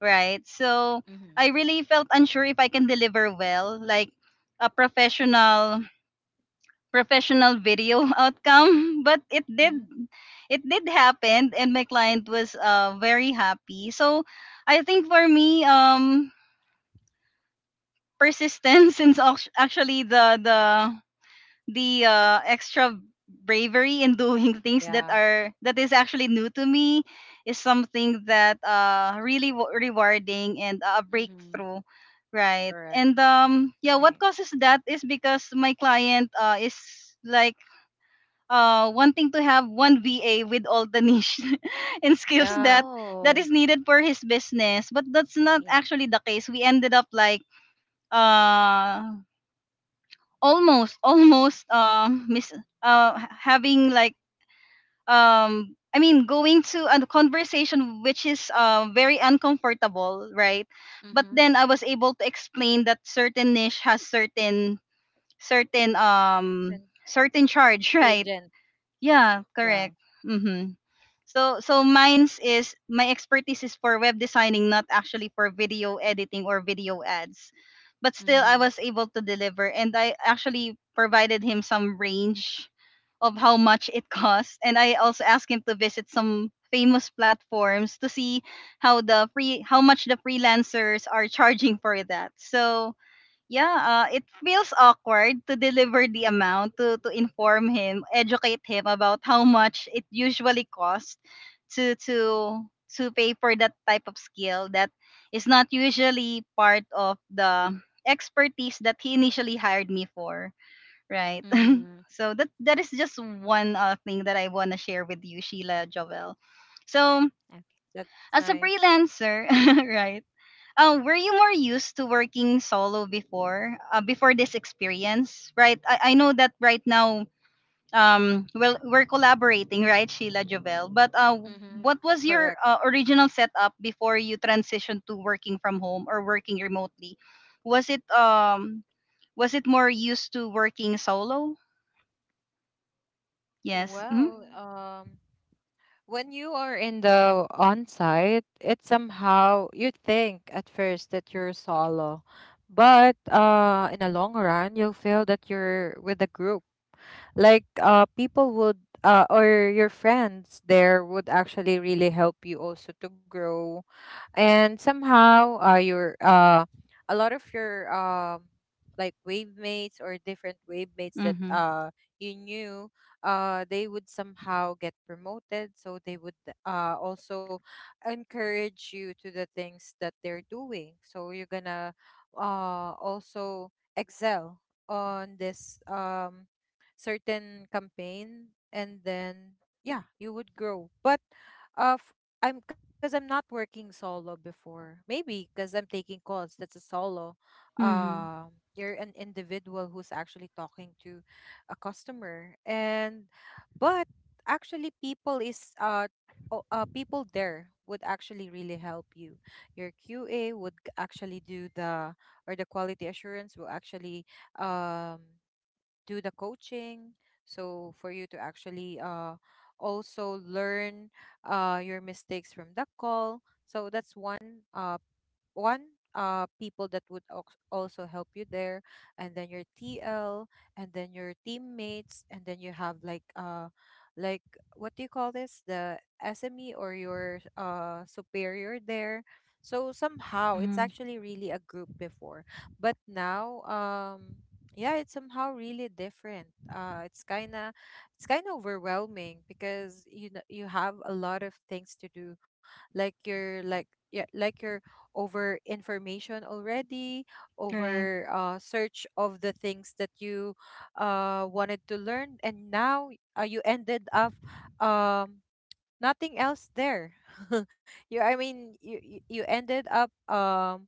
Speaker 1: right? So
Speaker 2: Mm-hmm.
Speaker 1: I really felt unsure if I can deliver well, like a professional video outcome, but it did
Speaker 2: Mm-hmm.
Speaker 1: it did happen, and my client was very happy. So I think for me, persistence is actually the extra bravery in doing things that
Speaker 3: Yeah.
Speaker 1: are that is actually new to me is something that really rewarding and a
Speaker 2: Mm-hmm.
Speaker 1: breakthrough right and
Speaker 3: Correct.
Speaker 1: yeah what
Speaker 2: Right.
Speaker 1: causes that is because my client is like wanting to have one VA with all the niche and skills that
Speaker 3: Yeah.
Speaker 2: Oh,
Speaker 1: is needed for his business but that's not
Speaker 2: yeah.
Speaker 1: actually the case we ended up like uh almost miss having like I mean going to a conversation which is very uncomfortable, right?
Speaker 2: Mm-hmm.
Speaker 1: But then I was able to explain that certain niche has certain certain um
Speaker 3: And
Speaker 1: certain charge, right?
Speaker 3: agent.
Speaker 1: Yeah,
Speaker 3: Yeah.
Speaker 1: correct. Mhm. So so mine's is my expertise is for web designing, not actually for video editing or video ads. But still
Speaker 2: Mm-hmm.
Speaker 1: I was able to deliver and I actually provided him some range of how much it costs and I also asked him to visit some famous platforms to see how the free how much the freelancers are charging for that. So yeah, it feels awkward to deliver the amount to inform him, educate him about how much it usually costs to to to pay for that type of skill that is not usually part of the expertise that he initially hired me for, right?
Speaker 2: Mm-hmm.
Speaker 1: So that that is just one thing that I want to share with you, Sheila Jovel. So
Speaker 2: Okay.
Speaker 3: That's
Speaker 1: as
Speaker 3: nice.
Speaker 1: a freelancer, right? Were you more used to working solo before, before this experience, right? I know that right now, well, we're collaborating, right, Sheila Jovel. But
Speaker 2: Mm-hmm.
Speaker 1: what was your
Speaker 3: Correct.
Speaker 1: original setup before you transitioned to working from home or working remotely? Was it um, was it more used to working solo? Yes. Mm-hmm.
Speaker 3: Well,
Speaker 2: Mm-hmm.
Speaker 3: when you are in the on site, it somehow you think at first that you're solo, but in the long run, you'll feel that you're with a group, like people would or your friends there would actually really help you also to grow. And somehow your a lot of your like wave mates or different wave mates that
Speaker 1: Mm-hmm.
Speaker 3: you knew, they would somehow get promoted, so they would also encourage you to the things that they're doing, so you're gonna also excel on this certain campaign, and then yeah, you would grow. But uh I'm, because I'm not working solo before. Maybe because I'm taking calls. That's a solo.
Speaker 1: Mm-hmm.
Speaker 3: Um, you're an individual who's actually talking to a customer, and but actually, people there would actually really help you. Your QA would actually do the, or the quality assurance will actually um do the coaching so for you to actually also learn your mistakes from that call. So that's one one people that would also help you there. And then your TL, and then your teammates, and then you have like like what do you call this, the SME or your superior there. So somehow it's
Speaker 1: Mm-hmm.
Speaker 3: actually really a group before. But now yeah, it's somehow really different. It's kind of, it's kind of overwhelming because you know you have a lot of things to do, like you're like, yeah, like you're over information already,
Speaker 1: Right.
Speaker 3: over search of the things that you wanted to learn, and now you ended up um nothing else there. you I mean you you You ended up um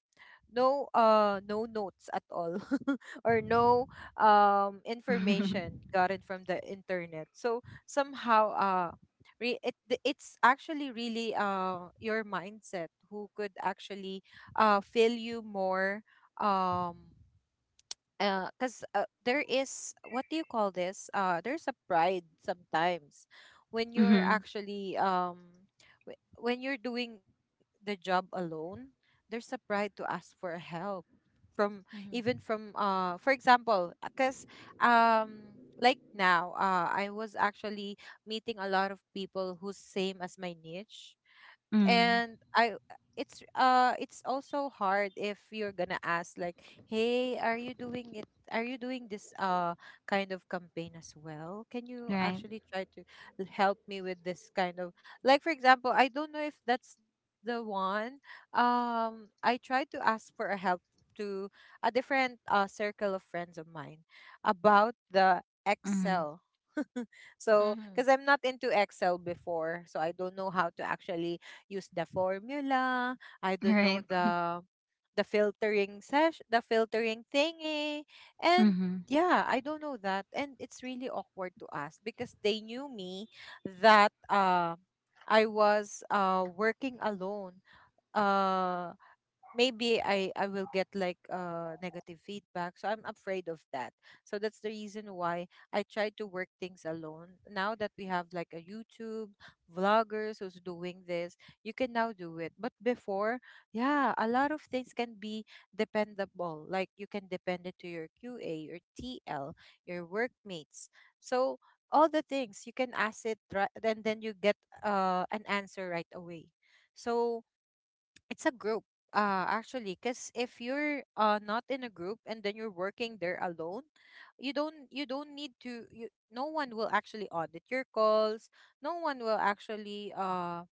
Speaker 3: no uh no notes at all, or no information gotten from the internet. So somehow it's actually really your mindset who could actually fill you more, um because there is, what do you call this, there's a pride sometimes when you're
Speaker 1: Mm-hmm.
Speaker 3: actually when you're doing the job alone, there's a pride to ask for help from, even
Speaker 2: Mm-hmm.
Speaker 3: from, for example, because like now I was actually meeting a lot of people who's same as my niche.
Speaker 1: Mm-hmm.
Speaker 3: And I, it's also hard if you're gonna ask, like, hey, are you doing it, are you doing this kind of campaign as well, can you
Speaker 1: Right.
Speaker 3: actually try to help me with this kind of, like, for example, I don't know if that's the one. I tried to ask for a help to a different circle of friends of mine about the
Speaker 1: Mm-hmm.
Speaker 3: Excel. So
Speaker 2: Mm-hmm.
Speaker 3: because I'm not into Excel before, so I don't know how to actually use the formula, I don't know
Speaker 1: Right.
Speaker 3: the filtering sesh the filtering thingy. And
Speaker 1: Mm-hmm.
Speaker 3: yeah, I don't know that. And it's really awkward to ask because they knew me that I was working alone. Uh maybe I will get like negative feedback. So I'm afraid of that. So that's the reason why I try to work things alone. Now that we have like a YouTube vloggers who's doing this, you can now do it. But before, yeah, a lot of things can be dependable. Like you can depend it to your QA, your TL, your workmates. So all the things you can ask it right, and then you get an answer right away. So it's a group, actually, because if you're not in a group and then you're working there alone, you don't need to you no one will actually audit your calls. No one will actually uh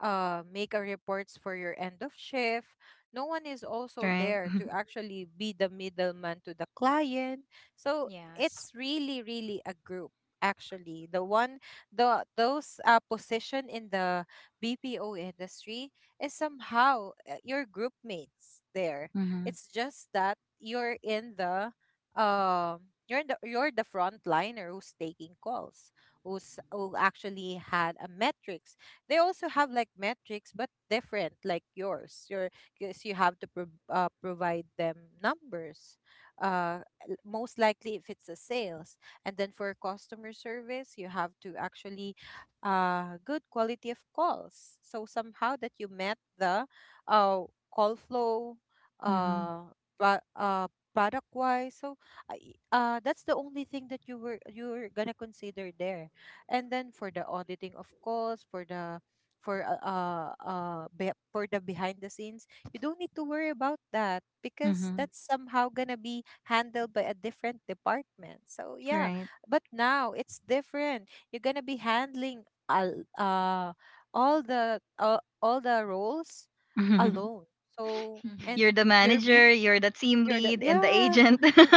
Speaker 3: uh make a reports for your end of shift. No one is also
Speaker 1: Right.
Speaker 3: there to actually be the middleman to the client. So
Speaker 2: Yes.
Speaker 3: it's really, really a group actually, the one, the those position in the BPO industry is somehow your group mates there.
Speaker 1: Mhm.
Speaker 3: It's just that you're in the you're the frontliner who's taking calls, who actually had a metrics. They also have like metrics, but different like yours. Your, because you have to provide them numbers. Uh, most likely if it's a sales, and then for customer service, you have to actually good quality of calls. So somehow that you met the uh, call flow,
Speaker 1: Mhm.
Speaker 3: uh, pro- uh, product wise. So that's the only thing that you're gonna consider there. And then for the auditing, of course, for the for the behind the scenes, you don't need to worry about that because
Speaker 1: Mhm.
Speaker 3: that's somehow gonna be handled by a different department. So yeah,
Speaker 1: Right.
Speaker 3: but now it's different, you're gonna be handling al- uh, all the roles alone. So,
Speaker 2: Mm-hmm.
Speaker 1: You're
Speaker 3: and
Speaker 1: the
Speaker 3: you're
Speaker 1: manager,
Speaker 3: being
Speaker 1: you're the team
Speaker 3: you're the,
Speaker 1: lead and the
Speaker 3: yeah.
Speaker 1: agent
Speaker 3: im-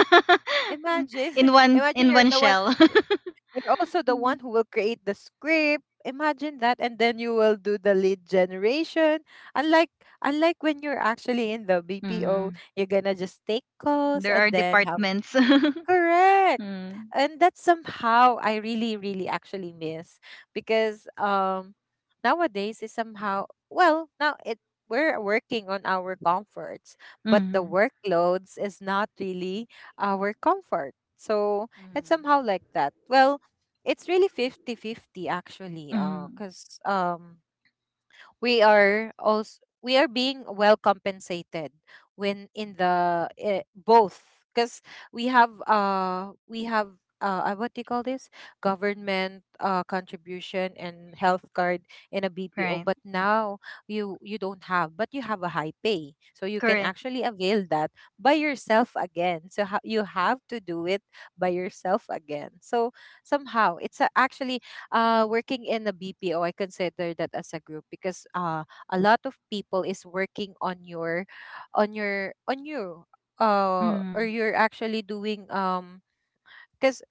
Speaker 3: Imagine, imagine
Speaker 1: in
Speaker 3: you're
Speaker 1: one
Speaker 3: the one,
Speaker 1: shell.
Speaker 3: y- you're also the one who will create the script. Imagine that, and then you will do the lead generation. Unlike unlike when you're actually in the BPO,
Speaker 1: Mhm.
Speaker 3: you're gonna just take calls
Speaker 1: There
Speaker 3: and
Speaker 1: are
Speaker 3: then have.
Speaker 1: departments.
Speaker 3: Correct.
Speaker 1: Mm.
Speaker 3: And that's somehow I really, really actually miss, because nowadays is somehow, well, now it, we're working on our comforts, but the
Speaker 1: Mhm.
Speaker 3: workloads is not really our comfort. So it's
Speaker 2: Mm-hmm.
Speaker 3: somehow like that. Well, it's really 50-50 actually,
Speaker 1: Mhm.
Speaker 3: because we are also, we are being well compensated when in the both, because we have what do you call this, government contribution and health card in a BPO.
Speaker 1: Right.
Speaker 3: But now you don't have, but you have a high pay, so you can
Speaker 1: Correct.
Speaker 3: actually avail that by yourself again. You have to do it by yourself again. So somehow it's a, actually, working in a BPO, I consider that as a group because a lot of people is working on your, on you, or
Speaker 1: Mhm.
Speaker 3: you're actually doing because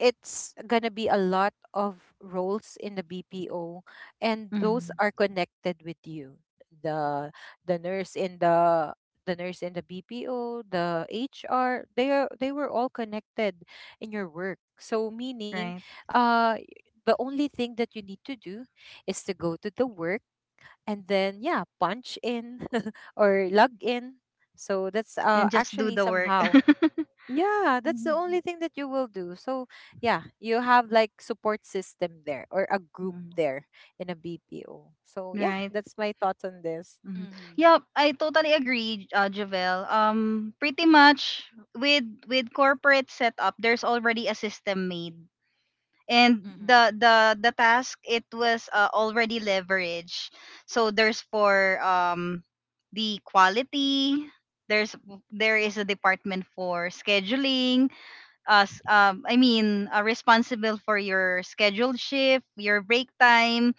Speaker 3: it's gonna be a lot of roles in the BPO, and those
Speaker 1: Mhm.
Speaker 3: are connected with you. the The nurse in the nurse in the BPO, the HR, they are, they were all connected in your work. So meaning,
Speaker 1: Right.
Speaker 3: uh, the only thing that you need to do is to go to the work, and then yeah, punch in, or log in. So that's
Speaker 1: And just do
Speaker 3: actually
Speaker 1: the work.
Speaker 3: somehow, yeah, that's the only
Speaker 1: Mhm.
Speaker 3: thing that you will do. So yeah, you have like support system there or a group
Speaker 1: Mhm.
Speaker 3: there in a BPO. So yeah,
Speaker 1: Right.
Speaker 3: that's my thoughts on this.
Speaker 1: Mhm.
Speaker 2: Mm-hmm.
Speaker 1: Yeah, I totally agree, Javel. Pretty much with corporate setup, there's already a system made, and
Speaker 2: Mm-hmm.
Speaker 1: the task it was already leveraged. So there's for the quality. There's there is a department for scheduling us responsible for your scheduled shift your break time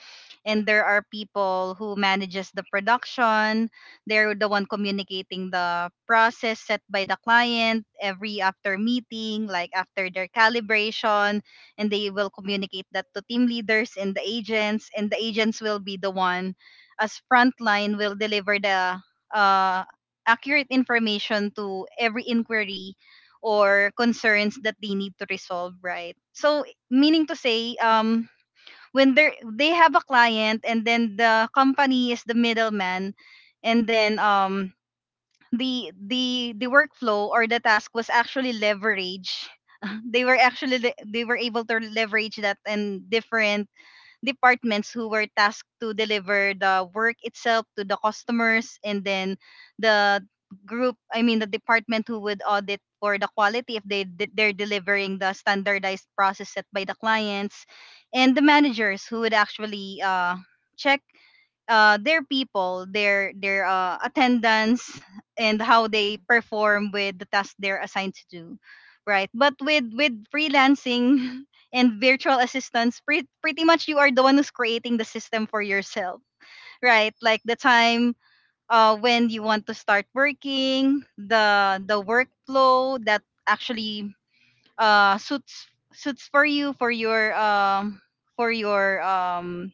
Speaker 1: and there are people who manages the production they're the one communicating the process set by the client every after meeting like after their calibration and they will communicate that to team leaders and the agents will be the one as frontline will deliver the uh, accurate information to every inquiry or concerns that they need to resolve, right? So, meaning to say, when they have a client and then the company is the middleman, and the workflow or the task was actually leverage. They were actually they were able to leverage that in different departments who were tasked to deliver the work itself to the customers and then the group I mean the department who would audit for the quality if they're delivering the standardized process set by the clients, and the managers who would actually check their people, their attendance, and how they
Speaker 2: Mm-hmm.
Speaker 1: perform with the task they're assigned to do, right? But with freelancing and virtual assistants, pretty much you are the one who's creating the system for yourself, right? Like the time, when you want to start working, the workflow that actually uh, suits suits for you, for your for your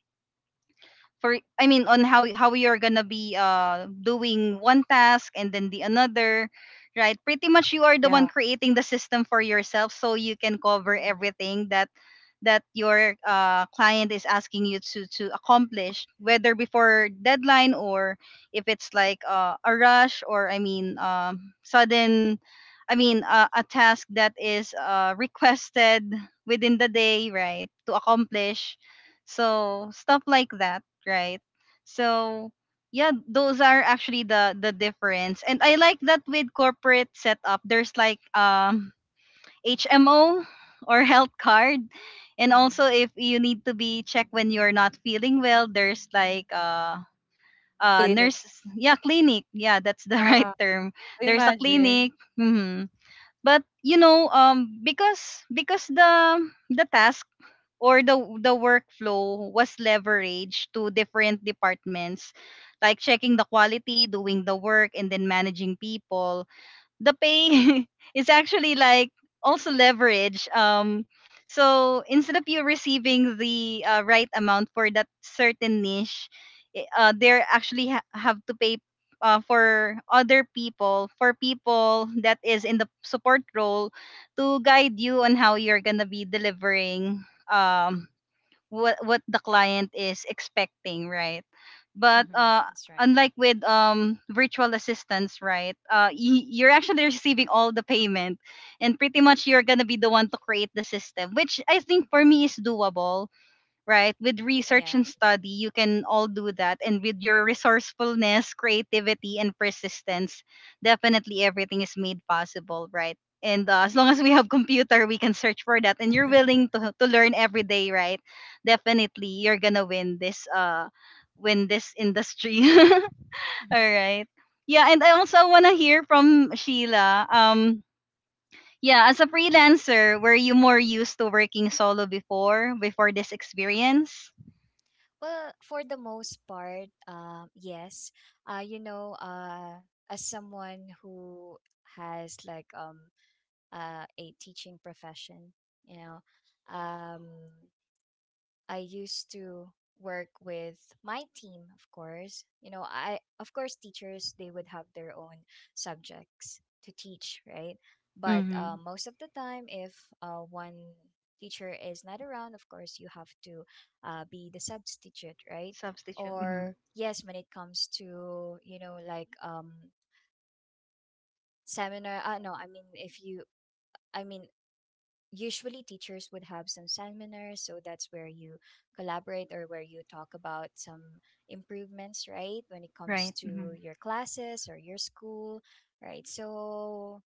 Speaker 1: for, on how you're gonna be doing one task and then the another, right? Pretty much you are the
Speaker 3: Yeah,
Speaker 1: one creating the system for yourself so you can cover everything that your client is asking you to accomplish, whether before deadline or if it's like a rush or sudden. A task that is requested within the day, right, to accomplish. So stuff like that, right? So yeah, those are actually the difference. And I like that with corporate setup, there's like HMO or health card. And
Speaker 2: Mm-hmm.
Speaker 1: also if you need to be checked when you're not feeling well, there's like
Speaker 3: clinic.
Speaker 1: nurse, yeah, clinic. Yeah, that's the right
Speaker 3: Yeah.
Speaker 1: term. There's a clinic.
Speaker 3: Imagine.
Speaker 1: Hmm. But you know, because the task or the workflow was leveraged to different departments, like checking the quality, doing the work, and then managing people, the pay is actually like also leverage. So instead of you receiving the right amount for that certain niche, they actually have to pay for other people, for people that is in the support role, to guide you on how you're gonna be delivering. Um, what the client is expecting, right? But
Speaker 2: Mm-hmm. That's right.
Speaker 1: Unlike with virtual assistants, right? You're actually receiving all the payment, and pretty much you're gonna be the one to create the system, which I think for me is doable, right? With research
Speaker 2: Yeah.
Speaker 1: and study, you can all do that. And with your resourcefulness, creativity, and persistence, definitely everything is made possible, right? And as long as we have computer, we can search for that. And you're willing to learn every day, right? Definitely, you're gonna win this win this industry. All
Speaker 2: Mm-hmm.
Speaker 1: right. Yeah, and I also wanna hear from Sheila. Yeah, as a freelancer, were you more used to working solo before this experience?
Speaker 2: Well, for the most part, yes. You know, as someone who has like a teaching profession, you know, um, I used to work with my team, of course. You know, I, of course, teachers, they would have their own subjects to teach, right? But
Speaker 1: Mhm.
Speaker 2: most of the time, if one teacher is not around, of course, you have to be the substitute, right?
Speaker 1: Substitute. Mhm.
Speaker 2: Or, yes, when it comes to, you know, like seminar, no, I mean, if you, I mean, usually teachers would have some seminars, so that's where you collaborate, or where you talk about some improvements, right, when it comes
Speaker 1: Right.
Speaker 2: to
Speaker 1: Mhm.
Speaker 2: your classes or your school, right? So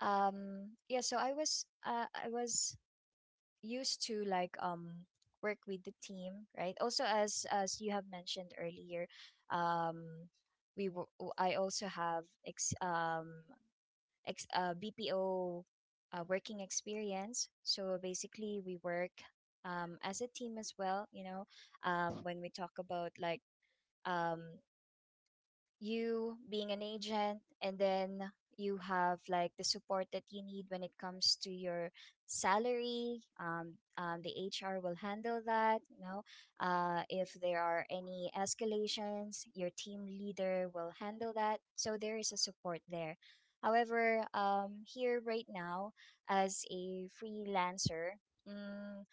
Speaker 2: I was used to like work with the team, right? Also, as you have mentioned earlier, um I also have BPO working experience. So basically, we work as a team as well. You know, when we talk about like um, you being an agent, and then you have like the support that you need when it comes to your salary, the hr will handle that, you know. Uh, if there are any escalations, your team leader will handle that, so there is a support there. However, here right now, as a freelancer, mm,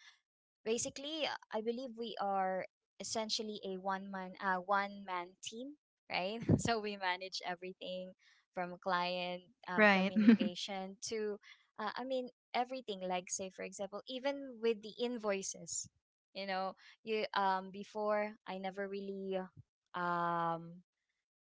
Speaker 2: basically, I believe we are essentially a one man team, right. So we manage everything, from client
Speaker 1: Right.
Speaker 2: communication to everything, like, say for example, even with the invoices, you know you before, I never really um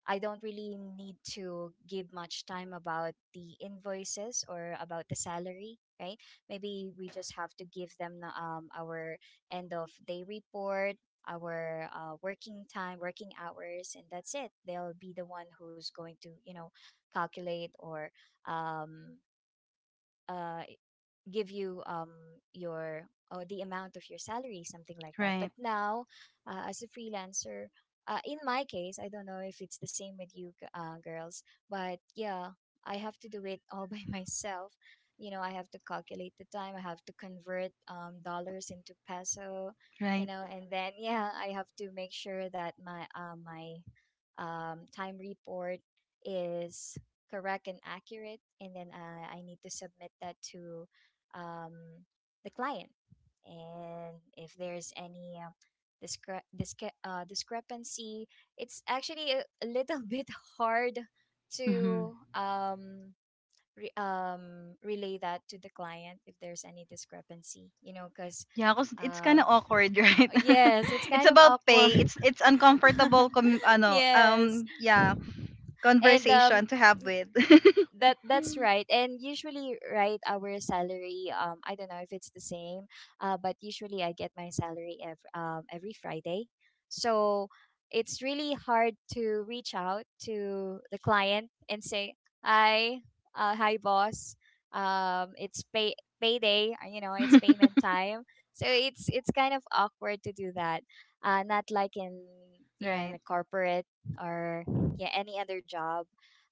Speaker 2: I don't really need to give much time about the invoices or about the salary, right? Maybe we just have to give them the, our end of day report, our working time, working hours, and that's it. They'll be the one who's going to, you know, calculate or um, uh, give you your, or the amount of your salary, something like that. But
Speaker 1: Right.
Speaker 2: now, as a freelancer, in my case, I don't know if it's the same with you, girls, but yeah, I have to do it all by myself. You know, I have to calculate the time, I have to convert dollars into peso, you
Speaker 1: Right.
Speaker 2: know. And then, yeah, I have to make sure that my time report is correct and accurate, and then I need to submit that to um, the client. And if there's any discrepancy, it's actually a little bit hard to
Speaker 1: Mhm.
Speaker 2: relay that to the client if there's any discrepancy, you know, because
Speaker 1: Yeah, cause it's kind of
Speaker 2: um,
Speaker 1: awkward, right?
Speaker 2: yes, it's
Speaker 1: It's
Speaker 2: kind of
Speaker 1: about pay.
Speaker 2: awkward.
Speaker 1: It's uncomfortable.
Speaker 2: Yes.
Speaker 1: Yeah,
Speaker 2: And
Speaker 1: conversation to have with.
Speaker 2: that that's right. And usually, right, our salary, I don't know if it's the same, uh, but usually I get my salary every Friday. So it's really hard to reach out to the client and say, hi, hi boss, it's payday, you know, it's payment time. So it's kind of awkward to do that. Uh, not like in, you know, in
Speaker 1: Right.
Speaker 2: the corporate, or yeah, any other job.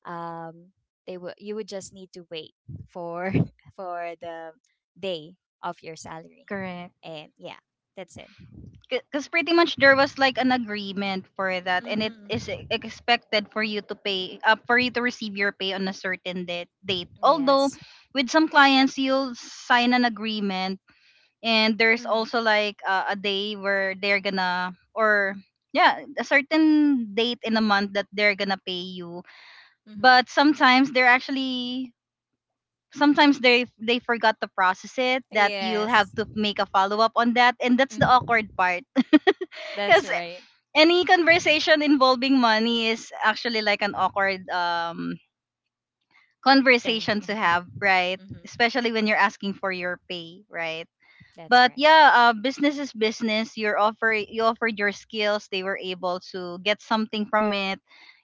Speaker 2: Um they will, you would just need to wait for for the day of your salary.
Speaker 1: Correct.
Speaker 2: And yeah, that's it.
Speaker 1: Because pretty much there was like an agreement for that, and it is
Speaker 2: Mm-hmm.
Speaker 1: expected for you to pay, for you to receive your pay on a certain date. Date. Although,
Speaker 2: Yes.
Speaker 1: with some clients, you'll sign an agreement and there's
Speaker 2: Mm-hmm.
Speaker 1: also like a day where they're gonna, or yeah, a certain date in a month that they're gonna pay you.
Speaker 2: Mm-hmm.
Speaker 1: But sometimes they're actually, sometimes they forgot to process it, that you'll have
Speaker 2: Yes.
Speaker 1: to make a follow up on that, and that's the
Speaker 2: Mm-hmm.
Speaker 1: awkward part.
Speaker 2: That's
Speaker 1: Because
Speaker 2: right
Speaker 1: any conversation involving money is actually like an awkward
Speaker 2: thing.
Speaker 1: conversation to
Speaker 2: Mm-hmm.
Speaker 1: have, right?
Speaker 2: Mm-hmm.
Speaker 1: Especially when you're asking for your pay, right?
Speaker 2: That's
Speaker 1: But
Speaker 2: right.
Speaker 1: yeah, business is business. You offered your skills. They were able to get something from it,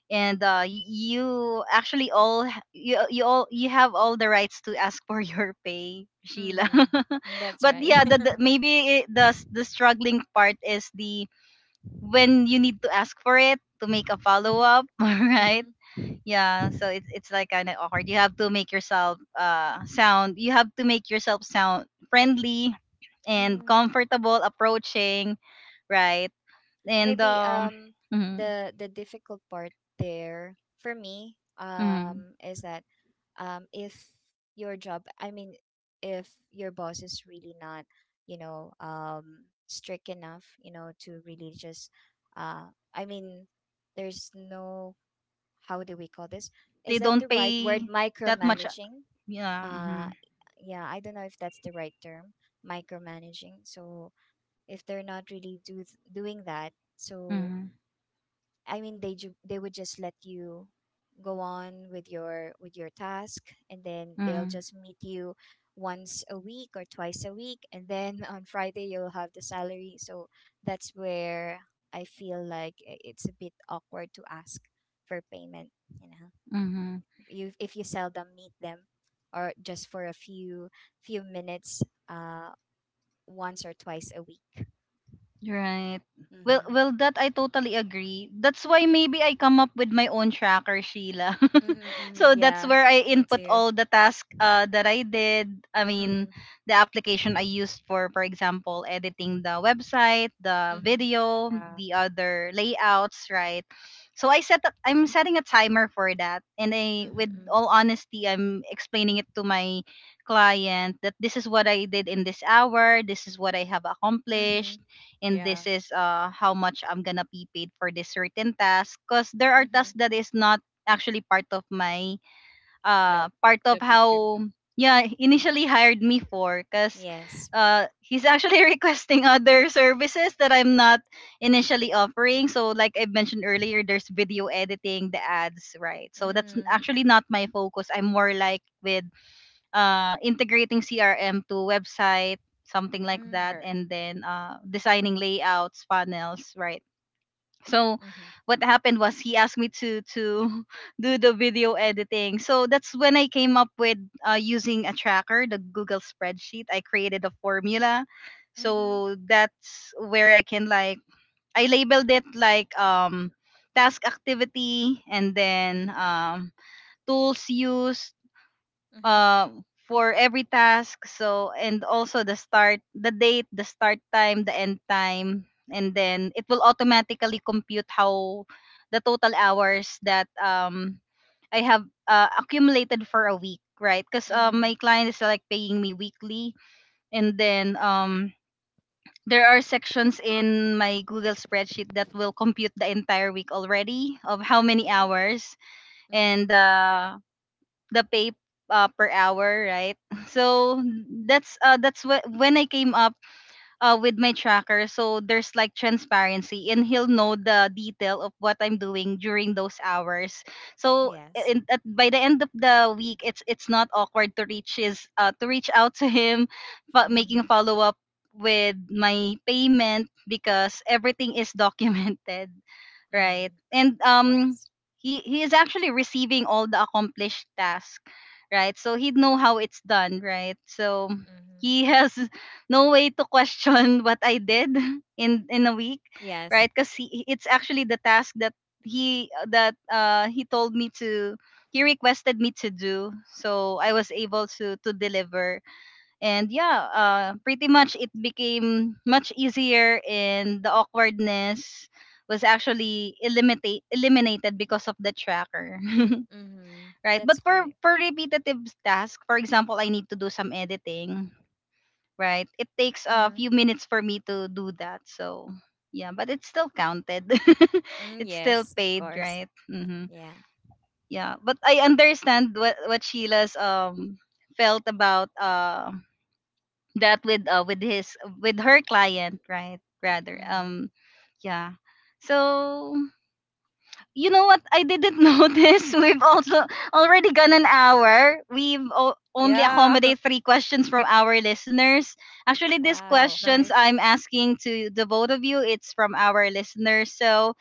Speaker 1: and you actually all h- you all you have all the rights to ask for your pay, Sheila.
Speaker 2: Mm-hmm. That's
Speaker 1: But
Speaker 2: right.
Speaker 1: yeah, the maybe it, the struggling part is the when you need to ask for it, to make a follow up,
Speaker 2: Mm-hmm.
Speaker 1: right?
Speaker 2: Mm-hmm.
Speaker 1: Yeah, so it's like kind of awkward. You have to make yourself sound. You have to make yourself sound friendly and
Speaker 2: Mm-hmm.
Speaker 1: comfortable approaching, right? And
Speaker 2: Maybe,
Speaker 1: mhm,
Speaker 2: the difficult part there for me,
Speaker 1: mhm.
Speaker 2: is that, if your job, I mean, if your boss is really not, you know, strict enough, you know, to really just, uh i mean there's no, how do we call this, is
Speaker 1: They
Speaker 2: that the
Speaker 1: don't
Speaker 2: right word,
Speaker 1: pay that much.
Speaker 2: micromanaging?
Speaker 1: Yeah.
Speaker 2: uh
Speaker 1: Mm-hmm,
Speaker 2: yeah, I don't know if that's the right term, micromanaging. So if they're not really do doing that, so
Speaker 1: mm-hmm,
Speaker 2: I mean, they would just let you go on with your task, and then they'll
Speaker 1: mm-hmm,
Speaker 2: just meet you once a week or twice a week, and then on Friday you'll have the salary. So that's where I feel like it's a bit awkward to ask for payment, you know.
Speaker 1: mm-hmm.
Speaker 2: You, if you seldom meet them, or just for a few minutes, uh, once or twice a week.
Speaker 1: Right. Well,
Speaker 2: Mhm.
Speaker 1: well, that I totally agree. That's why maybe I come up with my own tracker, Sheila.
Speaker 2: Mhm. Mhm,
Speaker 1: So
Speaker 2: yeah,
Speaker 1: that's where I
Speaker 2: me
Speaker 1: input
Speaker 2: too.
Speaker 1: all the tasks that I did. I mean,
Speaker 2: Mhm.
Speaker 1: the application I used for example, editing the website, the
Speaker 2: Mhm.
Speaker 1: video,
Speaker 3: Yeah.
Speaker 1: the other layouts, right? I'm setting a timer for that, and I, with
Speaker 2: Mm-hmm.
Speaker 1: all honesty, I'm explaining it to my client that this is what I did in this hour. This is what I have
Speaker 2: Mm-hmm.
Speaker 1: accomplished and
Speaker 3: Yeah.
Speaker 1: this is how much I'm gonna be paid for this certain task, because there are
Speaker 2: Mm-hmm.
Speaker 1: tasks that is not actually part of my
Speaker 3: Job.
Speaker 1: part of
Speaker 3: Job
Speaker 1: how
Speaker 3: description.
Speaker 1: yeah he initially hired me for. Because
Speaker 2: Yes.
Speaker 1: he's actually requesting other services that I'm not initially offering, so like I mentioned earlier, there's video editing the ads, right? So that's
Speaker 2: Mm-hmm.
Speaker 1: actually not my focus. I'm more like with integrating CRM to website, something like
Speaker 3: Sure.
Speaker 1: that,
Speaker 2: Mm-hmm.
Speaker 1: and then designing layouts, funnels, right? So
Speaker 2: Mm-hmm.
Speaker 1: what happened was he asked me to do the video editing. So that's when I came up with, using a tracker, the Google spreadsheet. I created a formula. So that's where I can like I labeled it like task activity, and then tools used
Speaker 2: Mm-hmm.
Speaker 1: uh, for every task. So and also the start, the date, the start time, the end time, and then it will automatically compute how the total hours that I have accumulated for a week, right? Because
Speaker 2: Mm-hmm.
Speaker 1: my client is like paying me weekly, and then there are sections in my Google spreadsheet that will compute the entire week already of how many
Speaker 2: Mm-hmm.
Speaker 1: hours
Speaker 2: Mm-hmm.
Speaker 1: and the pay per hour, right? So that's when I came up with my tracker. So there's like transparency, and he'll know the detail of what I'm doing during those hours. So
Speaker 2: Yes.
Speaker 1: by the end of the week, it's not awkward to reach out to him, but making
Speaker 2: Mm-hmm.
Speaker 1: follow up with my payment, because everything is documented, right?
Speaker 2: Mm-hmm.
Speaker 1: And
Speaker 2: Yes.
Speaker 1: he is actually receiving all the accomplished task, right? So he'd know how it's done, right? So
Speaker 2: Mm-hmm.
Speaker 1: he has no way to question what I did in a week,
Speaker 2: Yes.
Speaker 1: right? Because it's actually the task that he told me to he requested me to do, so I was able to deliver. And yeah, pretty much it became much easier, and the awkwardness was actually eliminated because of the tracker.
Speaker 2: Mm-hmm.
Speaker 1: Right?
Speaker 2: That's
Speaker 1: But for
Speaker 2: great.
Speaker 1: repetitive task, for example, I need to do some editing, right? It takes a
Speaker 2: Mm-hmm.
Speaker 1: few minutes for me to do that. So yeah, but it's still counted,
Speaker 2: Mm,
Speaker 1: it's still
Speaker 2: yes, of
Speaker 1: paid,
Speaker 2: course.
Speaker 1: right? Hmm.
Speaker 2: Yeah.
Speaker 1: Yeah, but I understand what Sheila's felt about that with his with her client, right, rather.
Speaker 2: Mm-hmm.
Speaker 1: Yeah. So you know what, I didn't notice we've also already gone an hour. We've only
Speaker 3: Yeah.
Speaker 1: accommodate 3 questions from our listeners. Actually these
Speaker 3: That's
Speaker 2: Wow.
Speaker 3: nice.
Speaker 1: questions I'm asking to the both of you, it's from our listeners. So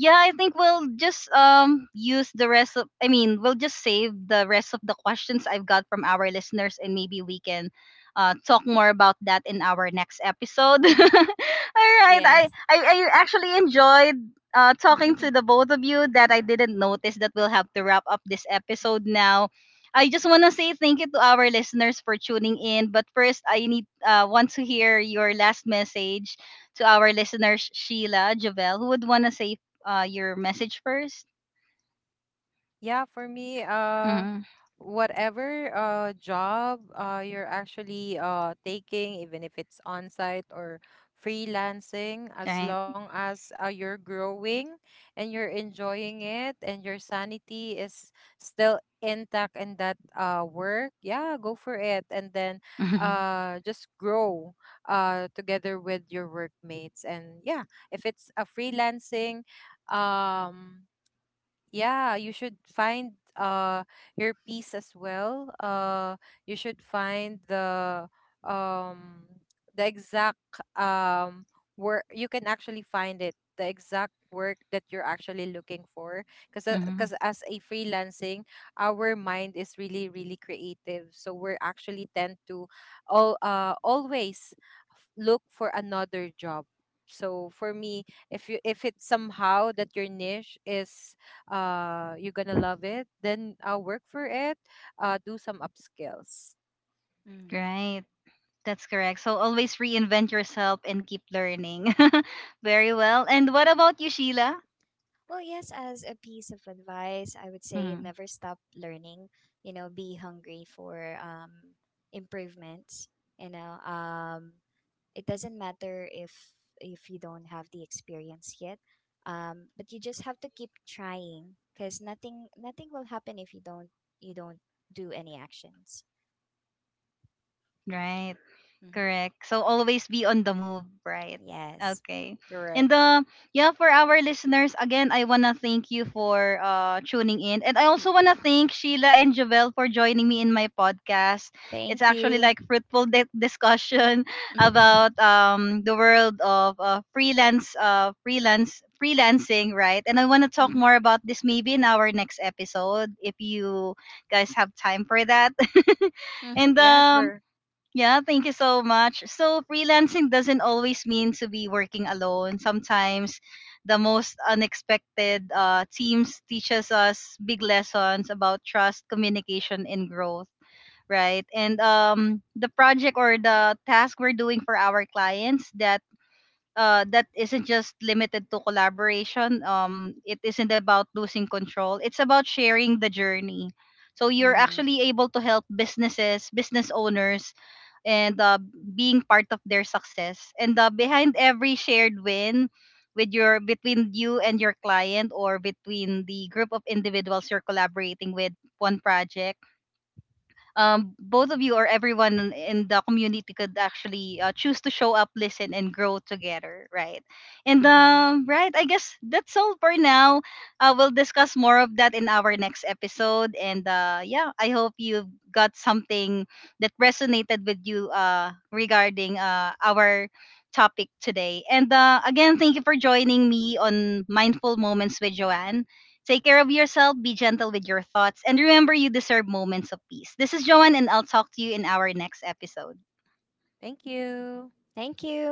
Speaker 1: yeah, I think we'll just use the rest of I mean, we'll just save the rest of the questions I've got from our listeners, and maybe we can talk more about that in our next episode. All right.
Speaker 2: Yes.
Speaker 1: I actually enjoyed talking
Speaker 2: Mm-hmm.
Speaker 1: to the both of you, that I didn't notice that we'll have to wrap up this episode now. I just want to say thank you to our listeners for tuning in, but first I need want to hear your last message to our listeners, Sheila, Javel. Who would want to say your message first?
Speaker 3: Yeah, for me,
Speaker 1: Mm-hmm.
Speaker 3: whatever job you're actually taking, even if it's on-site or freelancing, as
Speaker 1: Right?
Speaker 3: long as you're growing and you're enjoying it and your sanity is still intact in that work, yeah, go for it. And then just grow together with your workmates. And yeah, if it's a freelancing, um yeah, you should find your peace as well. You should find um the exact um work, you can actually find it, the exact work that you're actually looking for. Because
Speaker 1: Mm-hmm.
Speaker 3: as a freelancing, our mind is really, really creative, so we're actually tend to all always look for another job. So for me, if you, if it's somehow that your niche is you're gonna love it, then work for it, do some upskills.
Speaker 2: Mm-hmm.
Speaker 1: Right. That's correct. So always reinvent yourself and keep learning. Very well. And what about you, Sheila?
Speaker 2: Well, yes, as a piece of advice, I would say never
Speaker 1: Mm.
Speaker 2: stop learning. You know, be hungry for improvements. You know, it doesn't matter if you don't have the experience yet, but you just have to keep trying, because nothing will happen if you don't do any actions.
Speaker 1: Right.
Speaker 2: Mm-hmm.
Speaker 1: Correct. So always be on the move, right?
Speaker 2: Yes,
Speaker 1: Okay.
Speaker 3: Correct.
Speaker 1: And yeah, for our listeners, again, I wanna thank you for tuning in. And I also wanna thank Sheila and Javel for joining me in my podcast.
Speaker 2: thank
Speaker 1: It's
Speaker 2: you.
Speaker 1: actually like fruitful discussion
Speaker 2: Mm-hmm.
Speaker 1: about the world of freelance freelance freelancing, right? And I wanna talk more about this maybe in our next episode, if you guys have time for that.
Speaker 2: Mm-hmm.
Speaker 1: And
Speaker 3: Yeah, sure.
Speaker 1: yeah, thank you so much. So, freelancing doesn't always mean to be working alone. Sometimes the most unexpected teams teaches us big lessons about trust, communication, and growth, right? And the project or the task we're doing for our clients, that isn't just limited to collaboration. It isn't about losing control. It's about sharing the journey. So you're
Speaker 2: Mm-hmm.
Speaker 1: actually able to help businesses, business owners, and being part of their success. And behind every shared win with your between you and your client, or between the group of individuals you're collaborating with one project, both of you or everyone in the community could actually choose to show up, listen, and grow together, right? And
Speaker 2: Mm-hmm.
Speaker 1: right, I guess that's all for now. We'll discuss more of that in our next episode. And yeah, I hope you got something that resonated with you regarding our topic today. And again, thank you for joining me on Mindful Moments with Joanne. Take care of yourself, be gentle with your thoughts, and remember you deserve moments of peace. This is Joanne, and I'll talk to you in our next episode.
Speaker 3: Thank you.
Speaker 2: Thank you.